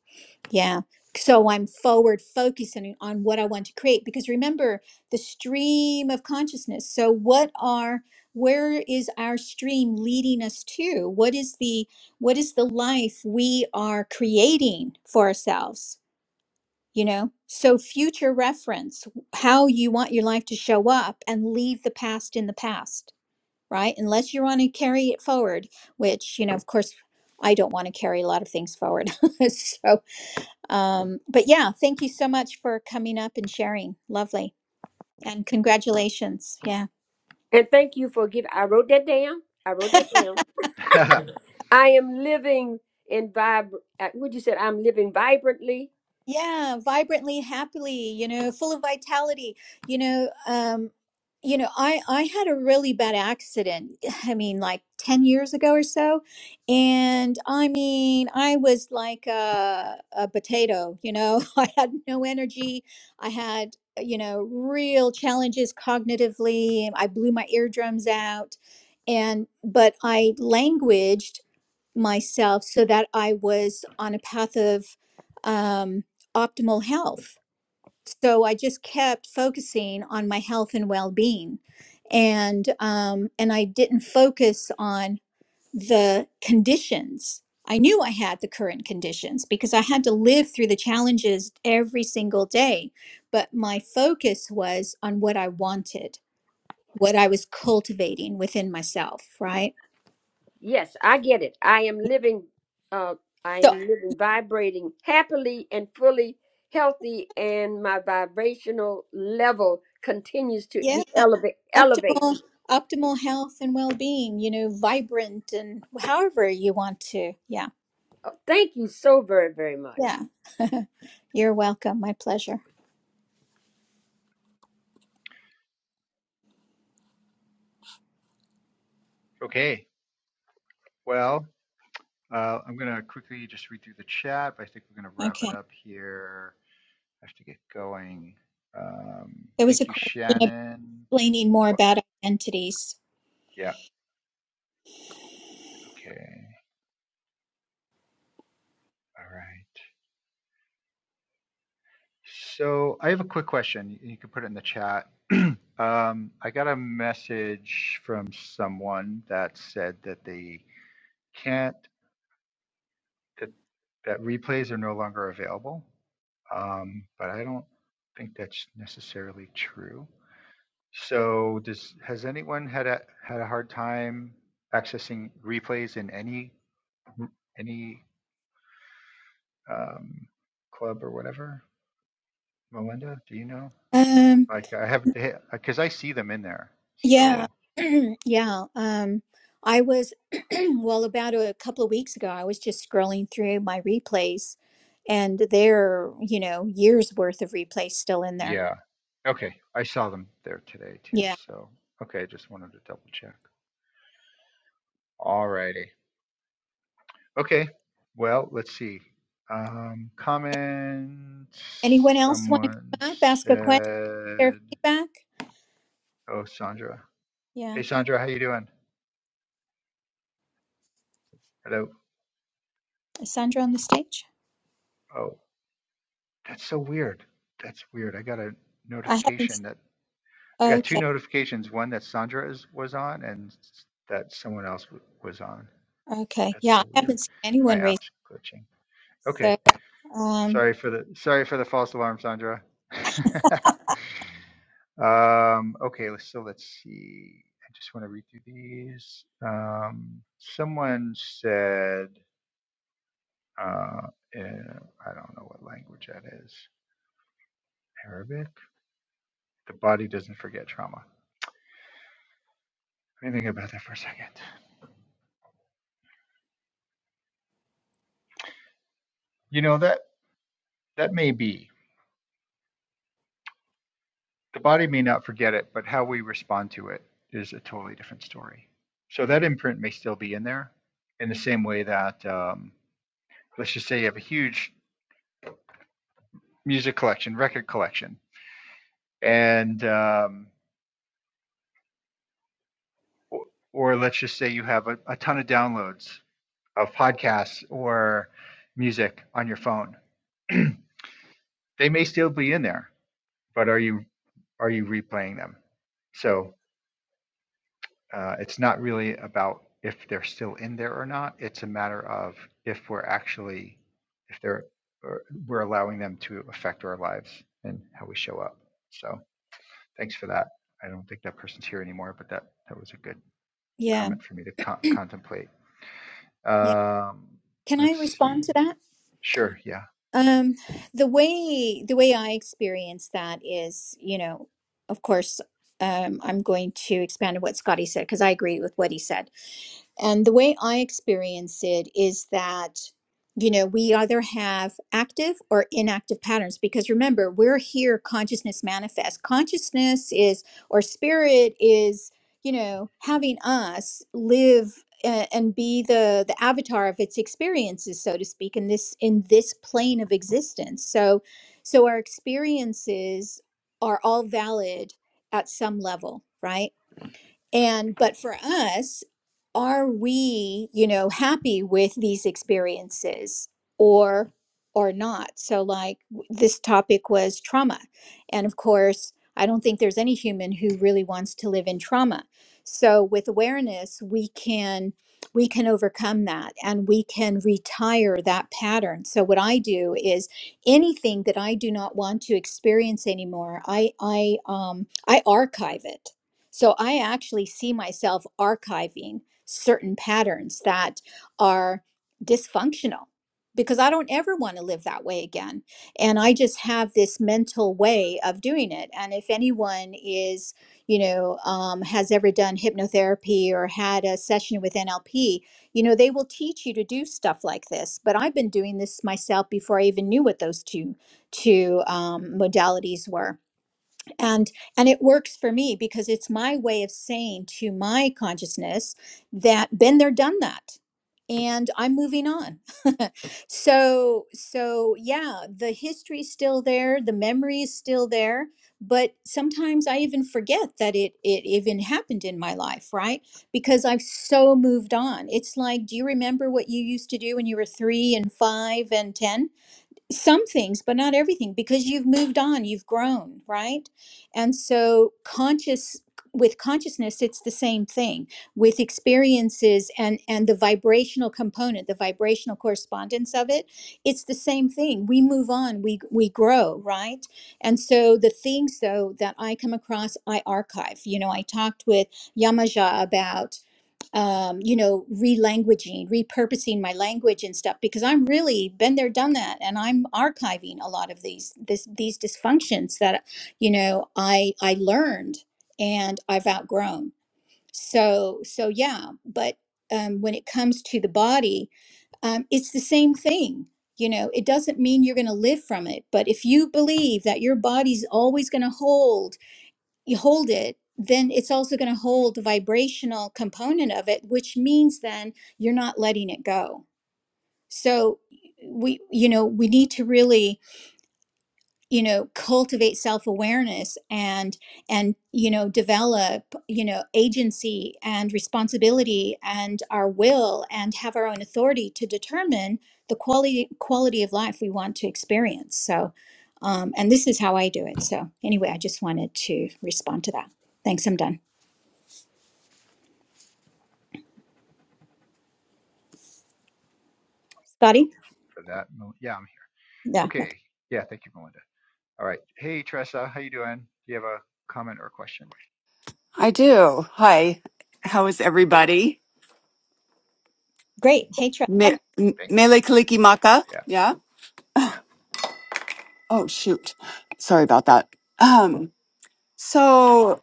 [SPEAKER 2] Yeah. So I'm forward focusing on what I want to create because remember the stream of consciousness. So what are where is our stream leading us to? What is the what is the life we are creating for ourselves? You know? So future reference, how you want your life to show up and leave the past in the past right? Unless you want to carry it forward, which, you know, of course, I don't want to carry a lot of things forward. so, um, but yeah, thank you so much for coming up and sharing. Lovely. And congratulations. Yeah.
[SPEAKER 3] And thank you for giving I wrote that down. I wrote that down. I am living in vib. uh, Would you say I'm living vibrantly?
[SPEAKER 2] yeah vibrantly happily you know full of vitality you know um you know i i had a really bad accident i mean like 10 years ago or so and i mean i was like a, a potato you know i had no energy i had you know real challenges cognitively i blew my eardrums out and but i languaged myself so that I was on a path of um, optimal health. So I just kept focusing on my health and well-being, and um, and I didn't focus on the conditions. I knew I had the current conditions because I had to live through the challenges every single day, but my focus was on what I wanted, what I was cultivating within myself. Right.
[SPEAKER 3] Yes, I get it. I am living. Uh, I
[SPEAKER 2] So
[SPEAKER 3] am living vibrating happily and fully healthy, and my vibrational level continues to
[SPEAKER 2] yeah.
[SPEAKER 3] be elevate. Elevate.
[SPEAKER 2] optimal optimal health and well-being you know vibrant and however you want to yeah
[SPEAKER 3] Thank you so very very much.
[SPEAKER 2] yeah you're welcome my pleasure
[SPEAKER 1] okay. Well, uh, I'm going to quickly just read through the chat, but I think we're going to wrap
[SPEAKER 2] okay
[SPEAKER 1] it up here. I have to get going. Um,
[SPEAKER 2] there was a
[SPEAKER 1] thank you,
[SPEAKER 2] question about
[SPEAKER 1] Shannon.
[SPEAKER 2] explaining more
[SPEAKER 1] What?
[SPEAKER 2] about identities
[SPEAKER 1] Yeah. Okay. All right. So I have a quick question. You you can put it in the chat. Um, I got a message from someone that said that they can't, that, that replays are no longer available. Um, but I don't think that's necessarily true. So does, has anyone had a, had a hard time accessing replays in any, any, um, club or whatever? Melinda, do you know?
[SPEAKER 2] um
[SPEAKER 1] Like I haven't because I see them in there.
[SPEAKER 2] yeah
[SPEAKER 1] So
[SPEAKER 2] yeah um i was well about a couple of weeks ago i was just scrolling through my replays and there are, you know years worth of replays still in there
[SPEAKER 1] yeah, okay, I saw them there today too.
[SPEAKER 2] yeah
[SPEAKER 1] So okay, just wanted to double check. Alrighty. Okay. Well, let's see. Um, comments.
[SPEAKER 2] anyone else want to
[SPEAKER 1] Someone
[SPEAKER 2] come up ask a question share
[SPEAKER 1] said,
[SPEAKER 2] feedback
[SPEAKER 1] "Oh, Sandra.
[SPEAKER 2] yeah
[SPEAKER 1] Hey, Sandra, how you doing? Hello.
[SPEAKER 2] Is Sandra on the stage?
[SPEAKER 1] Oh, that's so weird. That's weird. I got a
[SPEAKER 2] I haven't. s-
[SPEAKER 1] notification that I got two
[SPEAKER 2] Okay,
[SPEAKER 1] notifications. One that Sandra is, was on, and s- that someone else w- was on.
[SPEAKER 2] okay.
[SPEAKER 1] That's
[SPEAKER 2] Yeah,
[SPEAKER 1] so
[SPEAKER 2] I
[SPEAKER 1] weird.
[SPEAKER 2] haven't seen
[SPEAKER 1] My
[SPEAKER 2] anyone raise.
[SPEAKER 1] app's glitching.
[SPEAKER 2] So,
[SPEAKER 1] Okay.
[SPEAKER 2] um,
[SPEAKER 1] Sorry for the sorry for the false alarm, Sandra. um, okay, let's so let's see. I just want to read through these. Um, someone said uh, uh, I don't know what language that is. Arabic. The body doesn't forget trauma. Let me think about that for a second. You know that that may be. the body may not forget it, but how we respond to it is a totally different story. So that imprint may still be in there in the same way that, um, let's just say you have a huge music collection, record collection, and, um, or, or let's just say you have a, a ton of downloads of podcasts or music on your phone. they may still be in there, but are you, are you replaying them? So Uh, it's not really about if they're still in there or not. It's a matter of if we're actually, if they're, or we're allowing them to affect our lives and how we show up. So thanks for that. I don't think that person's here anymore, but that, that was a good
[SPEAKER 2] yeah,
[SPEAKER 1] comment for me to co- contemplate.
[SPEAKER 2] yeah.
[SPEAKER 1] Um,
[SPEAKER 2] Can I
[SPEAKER 1] let's
[SPEAKER 2] respond
[SPEAKER 1] see.
[SPEAKER 2] to that?
[SPEAKER 1] Sure. Yeah.
[SPEAKER 2] Um, the way the way I experience that is, you know, of course, um, I'm going to expand on what Scotty said because I agree with what he said. And the way I experience it is that, you know, we either have active or inactive patterns because remember, we're here, consciousness manifests. Consciousness is, or spirit is, you know, having us live a- and be the the avatar of its experiences so to speak in this in this plane of existence so so our experiences are all valid at some level right and but for us, are we, you know, happy with these experiences or or not? So like w- this topic was trauma. And of course, I don't think there's any human who really wants to live in trauma. So with awareness, we can we can overcome that and we can retire that pattern. So what I do is anything that I do not want to experience anymore, I I um I archive it so I actually see myself archiving certain patterns that are dysfunctional because I don't ever want to live that way again. And I just have this mental way of doing it. And if anyone is, you know, um, has ever done hypnotherapy or had a session with NLP, you know, they will teach you to do stuff like this. But I've been doing this myself before I even knew what those two two um, modalities were and and it works for me because it's my way of saying to my consciousness that been there done that and i'm moving on so so yeah the history's still there the memory is still there but sometimes i even forget that it it even happened in my life right because i've so moved on it's like do you remember what you used to do when you were 3 and 5 and 10 some things but not everything because you've moved on you've grown right and so conscious with consciousness it's the same thing with experiences and and the vibrational component the vibrational correspondence of it it's the same thing we move on we we grow right and so the things though that i come across i archive you know i talked with yamaja about um, you know, relanguaging, repurposing my language and stuff because I'm really been there, done that, and I'm archiving a lot of these this these dysfunctions that you know I I learned and I've outgrown. So so yeah, but um, when it comes to the body, um, it's the same thing. You know, it doesn't mean you're going to live from it, but if you believe that your body's always going to hold you hold it, then it's also going to hold the vibrational component of it, which means then you're not letting it go. So we you know we need to really you know cultivate self-awareness and and you know develop you know agency and responsibility and our will and have our own authority to determine the quality quality of life we want to experience so um, and this is how i do it so anyway i just wanted to respond to that thanks i'm done
[SPEAKER 1] Thank you
[SPEAKER 2] Scotty?
[SPEAKER 1] for that. Yeah. I'm here.
[SPEAKER 2] Yeah. okay.
[SPEAKER 1] Okay. Yeah. Thank you, Melinda. All right. Hey, Tressa. How you doing? Do you have a comment or a question?
[SPEAKER 4] I do. Hi. How is everybody?
[SPEAKER 2] Great. Hey, Tressa.
[SPEAKER 4] Me- M-
[SPEAKER 1] Thanks.
[SPEAKER 4] Mele Kaliki Maka.
[SPEAKER 1] Yeah.
[SPEAKER 4] Yeah. Oh, shoot. Sorry about that. Um, so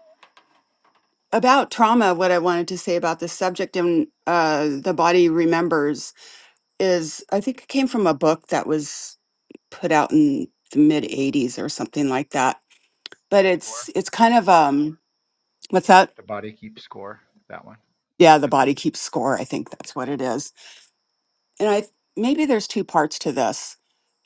[SPEAKER 4] about trauma, what I wanted to say about this subject and uh, the body remembers is I think it came from a book that was put out in the mid 80s or something like that. But
[SPEAKER 1] Score.
[SPEAKER 4] it's it's kind of um what's that?
[SPEAKER 1] the body keeps score that one
[SPEAKER 4] Yeah, the body keeps score. I think that's what it is and I maybe there's two parts to this.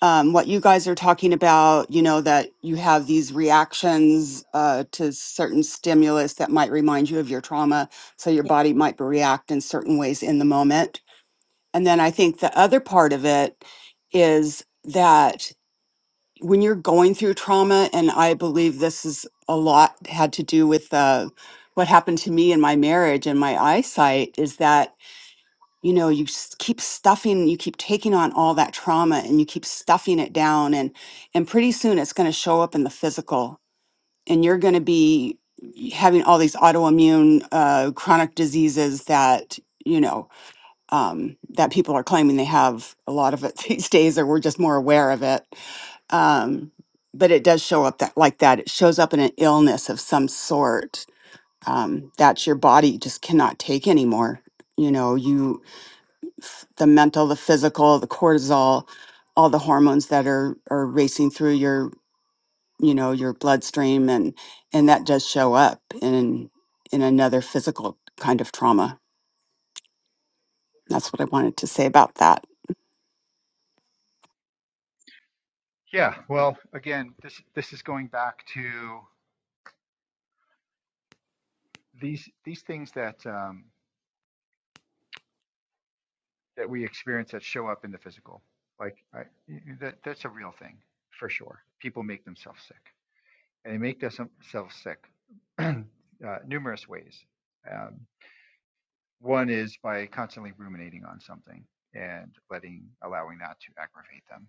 [SPEAKER 4] Um, what you guys are talking about, you know, that you have these reactions uh, to certain stimulus that might remind you of your trauma, so your
[SPEAKER 2] Yeah.
[SPEAKER 4] body might react in certain ways in the moment. And then I think the other part of it is that when you're going through trauma, and I believe this is a lot had to do with uh, what happened to me in my marriage and my eyesight, is that you know you s- keep stuffing you keep taking on all that trauma and you keep stuffing it down and and pretty soon it's going to show up in the physical and you're going to be having all these autoimmune uh, chronic diseases that you know um, that people are claiming they have a lot of it these days or we're just more aware of it um, but it does show up that like that it shows up in an illness of some sort um, that your body just cannot take anymore you know you f- the mental, the physical, the cortisol, all the hormones that are are racing through your you know your bloodstream and and that does show up in in another physical kind of trauma. That's what I wanted to say about that.
[SPEAKER 1] yeah well again this this is going back to these these things that um, that we experience that show up in the physical like I, y- y- that that's a real thing for sure people make themselves sick and they make themselves sick uh, numerous ways um, one is by constantly ruminating on something and letting allowing that to aggravate them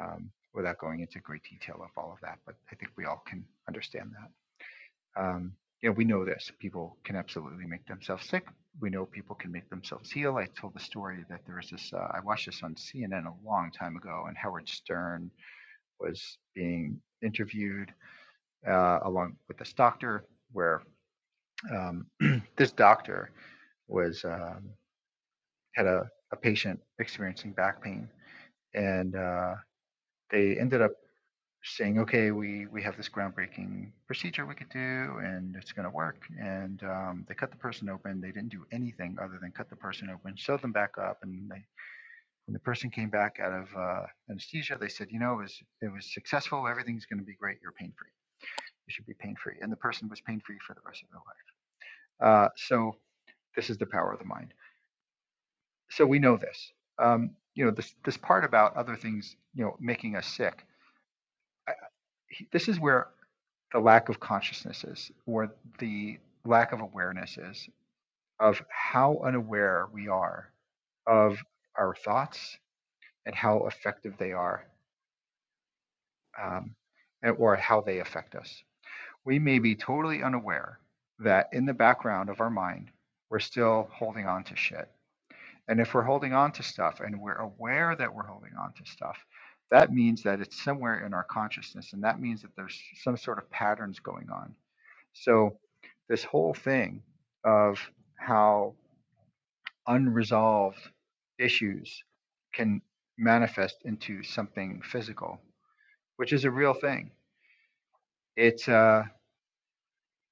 [SPEAKER 1] um, without going into great detail of all of that but i think we all can understand that Um, you know, we know this. People can absolutely make themselves sick. We know people can make themselves heal. I told the story that there was this. Uh, I watched this on CNN a long time ago, and Howard Stern was being interviewed uh, along with this doctor, where um, this doctor was um, had a, a patient experiencing back pain, and uh, they ended up saying, okay, we, we have this groundbreaking procedure we could do and it's going to work. And um, they cut the person open. They didn't do anything other than cut the person open, sewed them back up. And they, when the person came back out of uh, anesthesia, they said, you know, it was, it was successful. Everything's going to be great. You're pain free. You should be pain free. And the person was pain free for the rest of their life. Uh, so this is the power of the mind. So we know this. Um, you know, this, this part about other things, you know, making us sick. I, he- this is where the lack of consciousness is, or the lack of awareness is, of how unaware we are of our thoughts and how effective they are, um, and, or how they affect us. We may be totally unaware that in the background of our mind, we're still holding on to shit. And if we're holding on to stuff and we're aware that we're holding on to stuff, that means that it's somewhere in our consciousness. And that means that there's some sort of patterns going on So, this whole thing of how unresolved issues can manifest into something physical, which is a real thing. It's uh,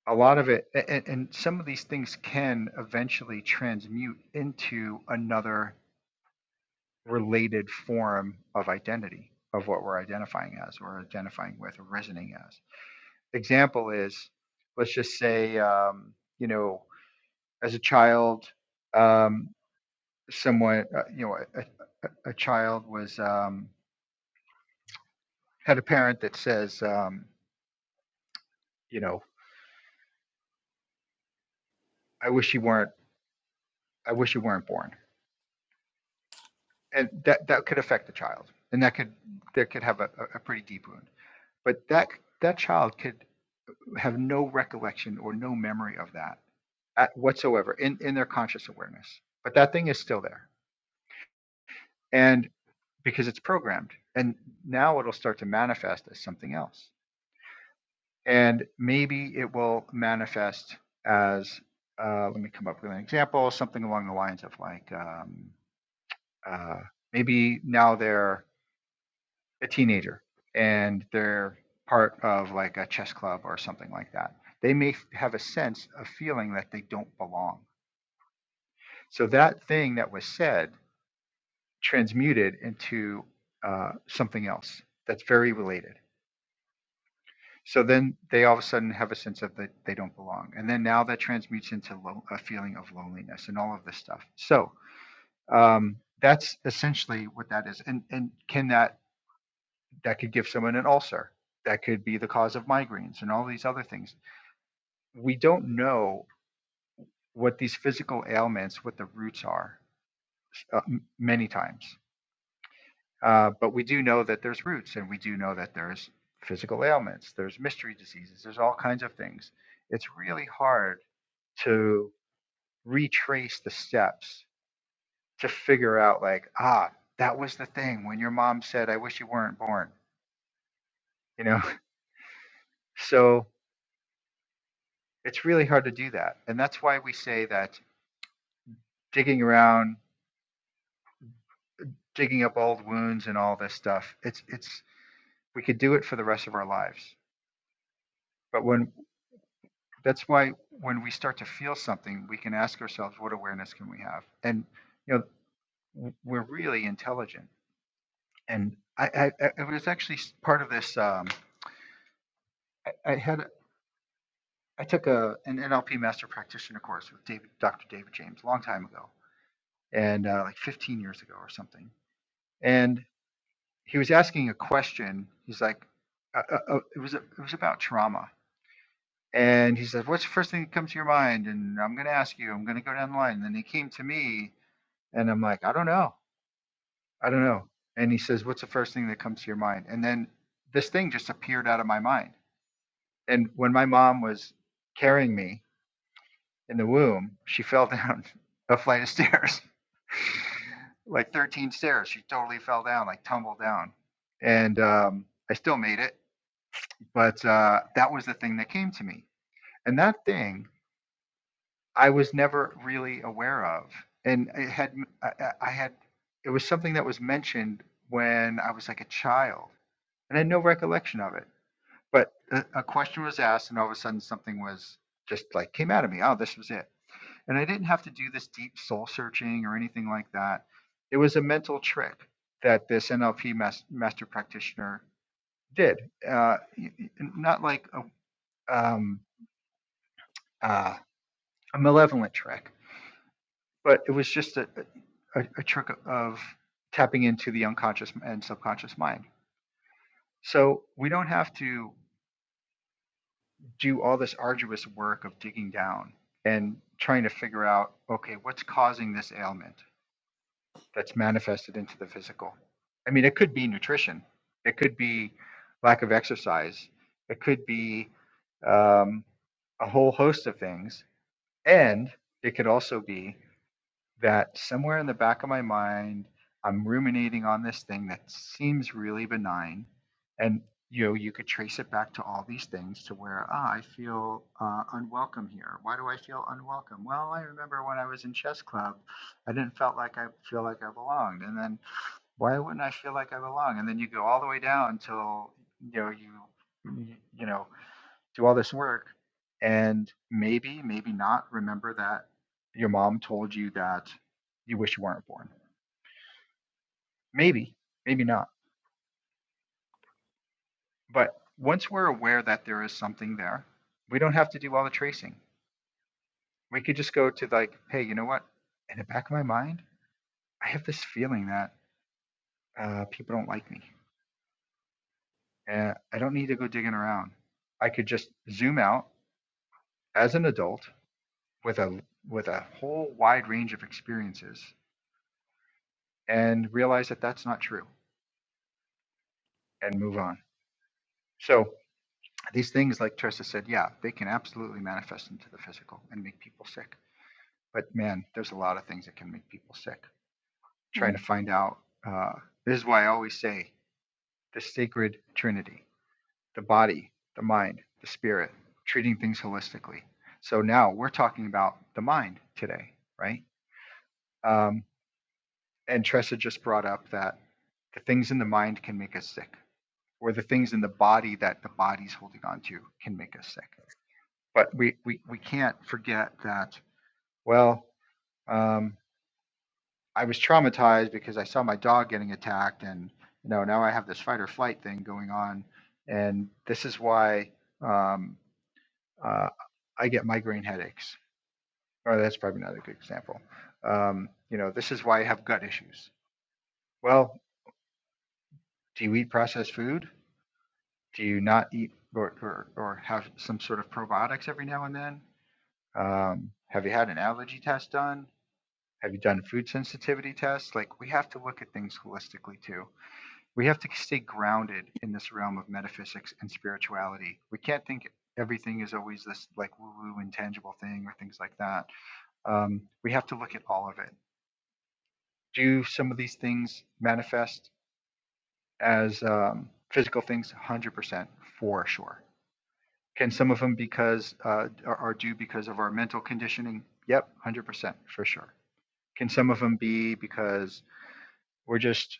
[SPEAKER 1] a lot of it, a- and some of these things can eventually transmute into another related form of identity of what we're identifying as or identifying with or resonating as. Example is, let's just say, um, you know, as a child, um, someone, uh, you know, a, a, a child was um, had a parent that says, um, you know, I wish you weren't, I wish you weren't born, and that that could affect the child, and that could that could have a, a pretty deep wound. But that that child could have no recollection or no memory of that at whatsoever in, in their conscious awareness. But that thing is still there. And because it's programmed. And now it'll start to manifest as something else. and maybe it will manifest as uh, let me come up with an example something along the lines of like um, uh, maybe now they're a teenager and they're part of like a chess club or something like that they may have a sense of feeling that they don't belong so that thing that was said transmuted into uh, something else that's very related So then they all of a sudden have a sense of that they don't belong. And then now that transmutes into lo- a feeling of loneliness and all of this stuff. So um, that's essentially what that is. And, and can that, that could give someone an ulcer. That could be the cause of migraines and all these other things. We don't know what these physical ailments, what the roots are uh, many times. Uh, but we do know that there's roots, and we do know that there's physical ailments, there's mystery diseases, there's all kinds of things. It's really hard to retrace the steps to figure out, like, ah, that was the thing when your mom said, I wish you weren't born, you know? So it's really hard to do that. And that's why we say that digging around, digging up old wounds and all this stuff, it's, it's, we could do it for the rest of our lives. But when that's why when we start to feel something we can ask ourselves what awareness can we have and you know we're really intelligent and i i, I was actually part of this um i, I had I took a an nlp master practitioner course with david dr david james a long time ago and uh, like 15 years ago or something and he was asking a question he's like uh, uh, uh, it was it was about trauma and he said what's the first thing that comes to your mind and i'm going to ask you i'm going to go down the line and then he came to me And I'm like, I don't know. I don't know. And he says, What's the first thing that comes to your mind? And then this thing just appeared out of my mind. And when my mom was carrying me in the womb, she fell down a flight of stairs, like 13 stairs. She totally fell down, like tumbled down. And um, I still made it. But uh, that was the thing that came to me. And that thing I was never really aware of, and it had I, had it was something that was mentioned when I was like a child, and I had no recollection of it. But a, a question was asked, and all of a sudden something was just like came out of me. Oh, this was it, and I didn't have to do this deep soul searching or anything like that. It was a mental trick that this NLP mas- master practitioner did, uh, not like a, um, uh, a malevolent trick but it was just a, a, a trick of tapping into the unconscious and subconscious mind. So we don't have to do all this arduous work of digging down and trying to figure out, okay, what's causing this ailment that's manifested into the physical? I mean, it could be nutrition, it could be lack of exercise, it could be um, a whole host of things. And it could also be that somewhere in the back of my mind, I'm ruminating on this thing that seems really benign. And, you know, you could trace it back to all these things to where, ah, I feel uh, unwelcome here. Why do I feel unwelcome? Well, I remember when I was in chess club, I didn't felt like I feel like I belonged. And then why wouldn't I feel like I belong? And then you go all the way down until you know, you, you know, do all this work and maybe, maybe not remember that your mom told you that you wish you weren't born. Maybe, maybe not. But once we're aware that there is something there, we don't have to do all the tracing. We could just go to like, hey, you know what? In the back of my mind, I have this feeling that uh, people don't like me. Uh, I don't need to go digging around. I could just zoom out as an adult with a with a whole wide range of experiences and realize that that's not true and move on. So these things, like Trista said, yeah, they can absolutely manifest into the physical and make people sick. But man, there's a lot of things that can make people sick. Trying
[SPEAKER 2] Mhm.
[SPEAKER 1] to find out. Uh, this is why I always say the sacred trinity, the body, the mind, the spirit, treating things holistically. So now we're talking about the mind today, right? Um, and Tressa just brought up that the things in the mind can make us sick, or the things in the body that the body's holding on to can make us sick but we, we, we can't forget that, well, um, I was traumatized because I saw my dog getting attacked and, you know, now I have this fight or flight thing going on. And this is why um, uh, I get migraine headaches. Or that's probably not a good example. Um, you know, this is why I have gut issues. Well, do you eat processed food? Do you not eat or, or, or have some sort of probiotics every now and then? Um, have you had an allergy test done? Have you done food sensitivity tests? Like, we have to look at things holistically too. We have to stay grounded in this realm of metaphysics and spirituality. We can't think everything is always this like woo woo intangible thing or things like that. Um, we have to look at all of it. Do some of these things manifest as um, physical things? 100% for sure. Can some of them because uh, are are due because of our mental conditioning? Yep, 100% for sure. Can some of them be because we're just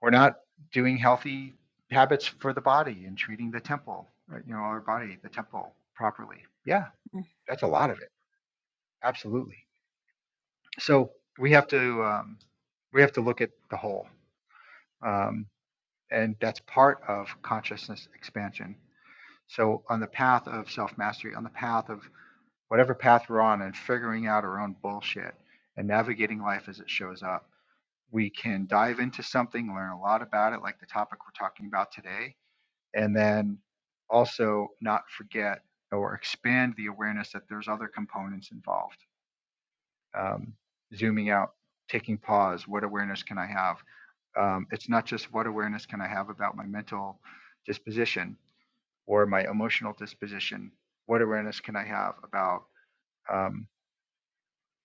[SPEAKER 1] We're not doing healthy habits for the body and treating the temple, right? You know, our body, the temple properly. Yeah, that's a lot of it. Absolutely. So we have to um, we have to look at the whole, um, and that's part of consciousness expansion. So on the path of self mastery, on the path of whatever path we're on, and figuring out our own bullshit and navigating life as it shows up, we can dive into something, learn a lot about it, like the topic we're talking about today, and then also not forget or expand the awareness that there's other components involved. Um, zooming out, taking pause, what awareness can I have? Um, it's not just what awareness can I have about my mental disposition or my emotional disposition. What awareness can I have about um,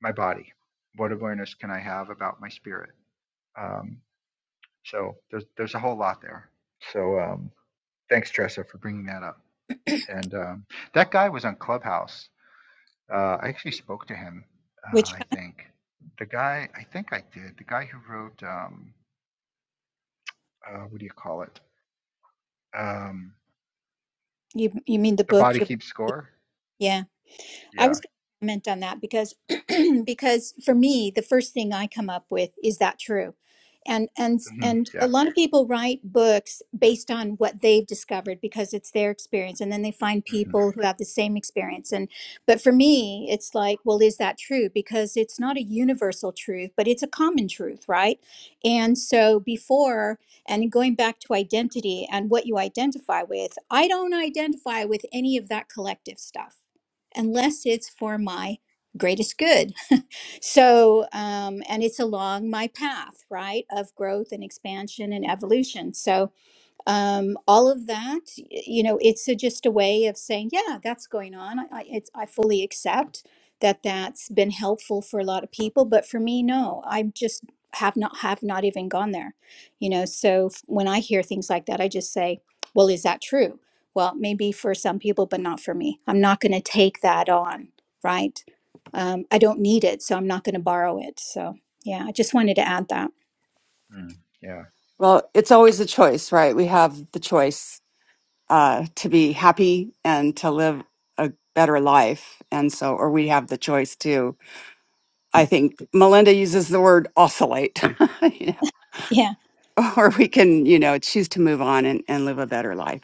[SPEAKER 1] my body? What awareness can I have about my spirit? Um, so there's there's a whole lot there. So um, thanks, Tressa, for bringing that up. And um, that guy was on Clubhouse. Uh, I actually spoke to him.
[SPEAKER 2] Which
[SPEAKER 1] Uh, I think the guy. I think I did. The guy who wrote. Um, uh, what do you call it? Um,
[SPEAKER 2] You you mean the
[SPEAKER 1] the
[SPEAKER 2] book?
[SPEAKER 1] body
[SPEAKER 2] Your
[SPEAKER 1] keeps score.
[SPEAKER 2] yeah. I
[SPEAKER 1] Yeah.
[SPEAKER 2] was going to comment on that because because for me the first thing I come up with is that true. And and
[SPEAKER 1] hmm
[SPEAKER 2] and a
[SPEAKER 1] Yeah.
[SPEAKER 2] lot of people write books based on what they've discovered because it's their experience and then they find
[SPEAKER 1] hmm
[SPEAKER 2] people who have the same experience and but for me it's like well is that true because it's not a universal truth but it's a common truth, right? And so before and going back to identity and what you identify with, I don't identify with any of that collective stuff unless it's for my greatest good. So, um, and it's along my path, right, of growth and expansion and evolution. So, um, all of that you know it's a, just a way of saying yeah that's going on I, I, it's, I fully accept that that's been helpful for a lot of people but for me no i just have not have not even gone there you know so f- when i hear things like that i just say well is that true well maybe for some people but not for me i'm not going to take that on right um, i don't need it so i'm not going to borrow it so yeah i just wanted to add that
[SPEAKER 1] mm Yeah.
[SPEAKER 4] Well, it's always a choice, right? We have the choice uh, to be happy and to live a better life. And so, or we have the choice to, I think Melinda uses the word oscillate, you
[SPEAKER 2] Yeah.
[SPEAKER 4] know, or we can, you know, choose to move on and, and live a better life.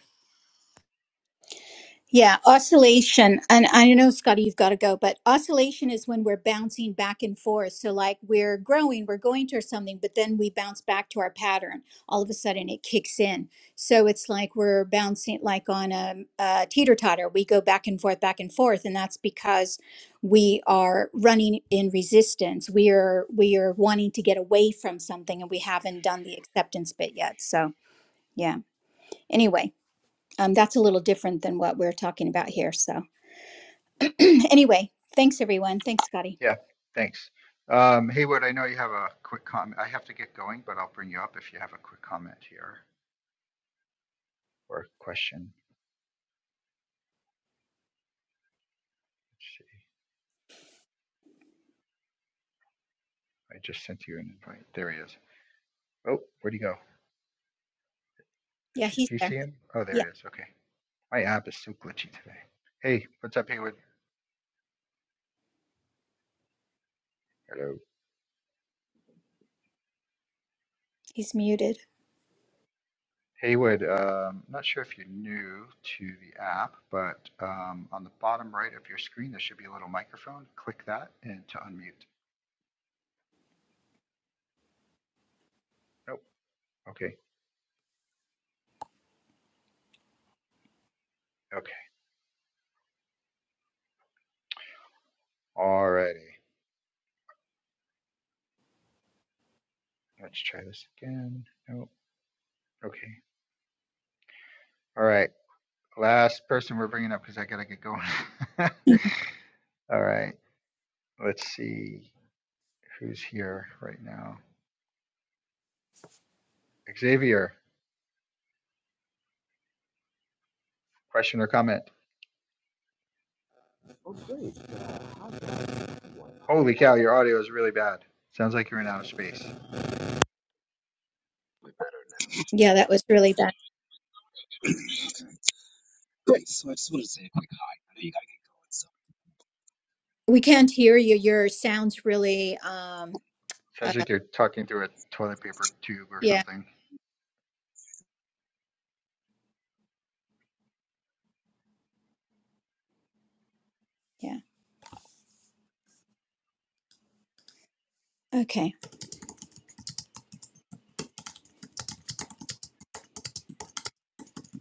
[SPEAKER 2] Yeah, oscillation. And I know, Scotty, you've got to go, but oscillation is when we're bouncing back and forth. So, like, we're growing, we're going towards something, but then we bounce back to our pattern. All of a sudden, it kicks in. So, it's like we're bouncing, like on a, a teeter totter. We go back and forth, back and forth. And that's because we are running in resistance. We are, we are wanting to get away from something, and we haven't done the acceptance bit yet. So, yeah. Anyway, um, that's a little different than what we're talking about here. So. Anyway, thanks everyone. Thanks, Scotty.
[SPEAKER 1] Yeah. Thanks. Um, Haywood, I know you have a quick comment. I have to get going, but I'll bring you up if you have a quick comment here or a question. Let's see. I just sent you an invite. There he is. Oh, where'd he go?
[SPEAKER 2] Yeah,
[SPEAKER 1] Did you-
[SPEAKER 2] he's
[SPEAKER 1] do you see
[SPEAKER 2] there.
[SPEAKER 1] him? Oh, there
[SPEAKER 2] Yeah,
[SPEAKER 1] he is. Okay. My app is so glitchy today. Hey, what's up, Haywood? Hello.
[SPEAKER 2] he's muted.
[SPEAKER 1] Haywood, um, not sure if you're new to the app, but um, on the bottom right of your screen, there should be a little microphone. Click that and to unmute. Nope. Okay. Okay. Alrighty. Let's try this again. Nope. Okay. All right. Last person we're bringing up because I gotta get going. All right. Let's see who's here right now. Xavier, question or comment? Holy cow, your audio is really bad. Sounds like you're in outer space.
[SPEAKER 2] Yeah, that was really bad.
[SPEAKER 5] Great. So I just wanted to say a quick hi. I know you got to go in
[SPEAKER 2] We can't hear you. Your sound's really um uh
[SPEAKER 1] Sounds like you're talking through a toilet paper tube or
[SPEAKER 2] yeah,
[SPEAKER 1] something.
[SPEAKER 2] yeah. Okay.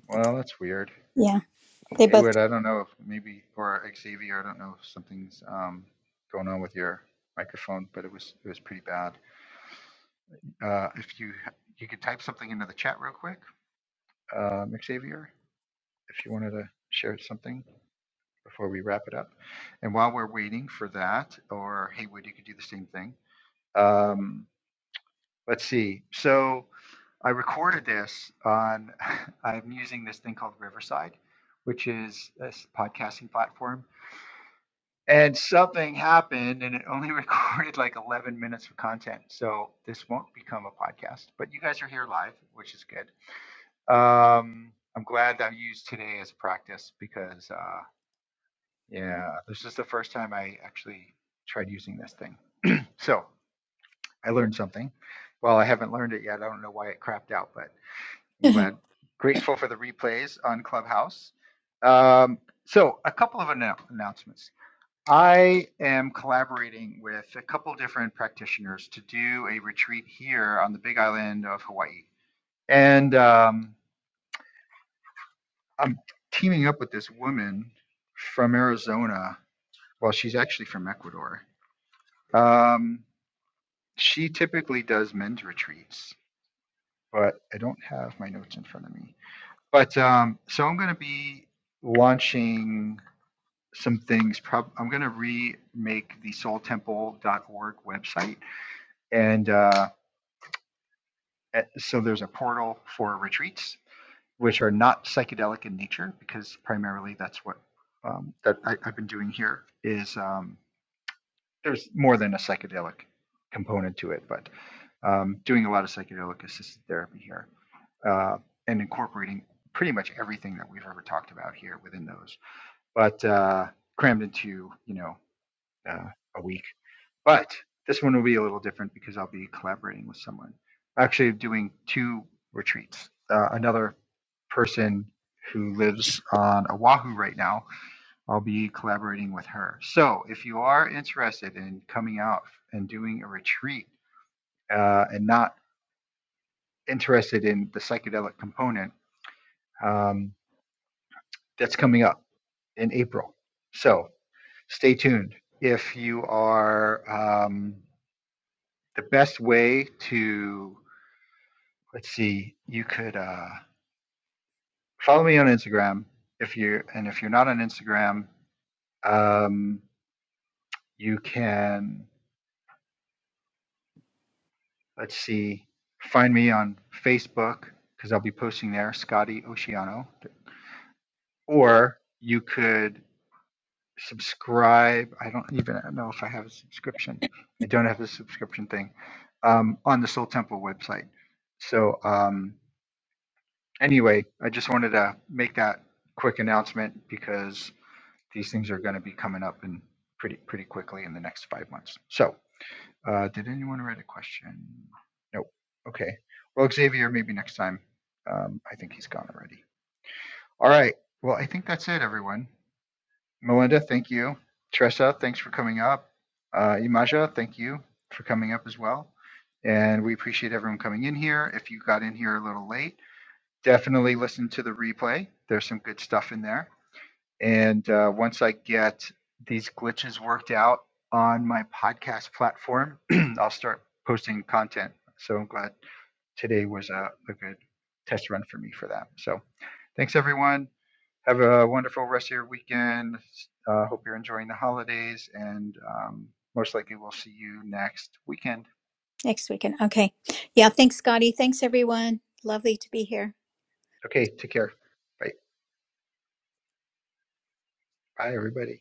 [SPEAKER 1] Well, that's weird.
[SPEAKER 2] Yeah. They both
[SPEAKER 1] Haywood, I don't know if maybe or Xavier, I don't know if something's um, going on with your microphone, but it was it was pretty bad. Uh, if you you could type something into the chat real quick, um, Xavier, if you wanted to share something before we wrap it up. And while we're waiting for that, or Haywood, you could do the same thing. Um, let's see. So I recorded this on, I'm using this thing called Riverside, which is a s- podcasting platform. And something happened and it only recorded like 11 minutes of content. So this won't become a podcast, but you guys are here live, which is good. Um, I'm glad that I used today as a practice because, uh, yeah, this is the first time I actually tried using this thing. So I learned something. Well, I haven't learned it yet. I don't know why it crapped out, but. I'm glad, grateful for the replays on Clubhouse. Um, so, a couple of annou- announcements. I am collaborating with a couple different practitioners to do a retreat here on the Big Island of Hawaii, and um, I'm teaming up with this woman from Arizona. Well, she's actually from Ecuador. Um, she typically does men's retreats, but I don't have my notes in front of me. But um, so I'm going to be launching some things. Prob- I'm going to remake the soultemple.org website. And uh, at- so there's a portal for retreats, which are not psychedelic in nature, because primarily that's what um, that I, I've been doing here is um, there's more than a psychedelic component to it, but um, doing a lot of psychedelic assisted therapy here uh, and incorporating pretty much everything that we've ever talked about here within those, but uh, crammed into, you know, uh, a week But this one will be a little different because I'll be collaborating with someone. Actually, doing two retreats. Uh, another person who lives on Oahu right now, I'll be collaborating with her. So if you are interested in coming out and doing a retreat uh, and not interested in the psychedelic component, um, that's coming up in April. So stay tuned. If you are, um, the best way to let's see you could uh, follow me on instagram if you and if you're not on instagram um, you can let's see find me on facebook because i'll be posting there scotty oceano or you could subscribe i don't even know if i have a subscription i don't have the subscription thing um, on the soul temple website so um, anyway i just wanted to make that quick announcement because these things are going to be coming up in pretty pretty quickly in the next five months. So, uh, did anyone write a question? Nope. Okay. Well, Xavier, maybe next time. Um, I think he's gone already. All right. Well, I think that's it, everyone. Melinda, thank you. Tressa, thanks for coming up. Uh, Imaja, thank you for coming up as well. And we appreciate everyone coming in here. If you got in here a little late, definitely listen to the replay. There's some good stuff in there. And uh, once I get these glitches worked out on my podcast platform, I'll start posting content. So I'm glad today was a, a good test run for me for that. So thanks, everyone. Have a wonderful rest of your weekend. Uh, hope you're enjoying the holidays, and um, most likely we'll see you next weekend.
[SPEAKER 2] next weekend. Okay. Yeah, thanks Scotty. Thanks everyone. Lovely to be here.
[SPEAKER 1] Okay, take care. Bye. Bye, everybody.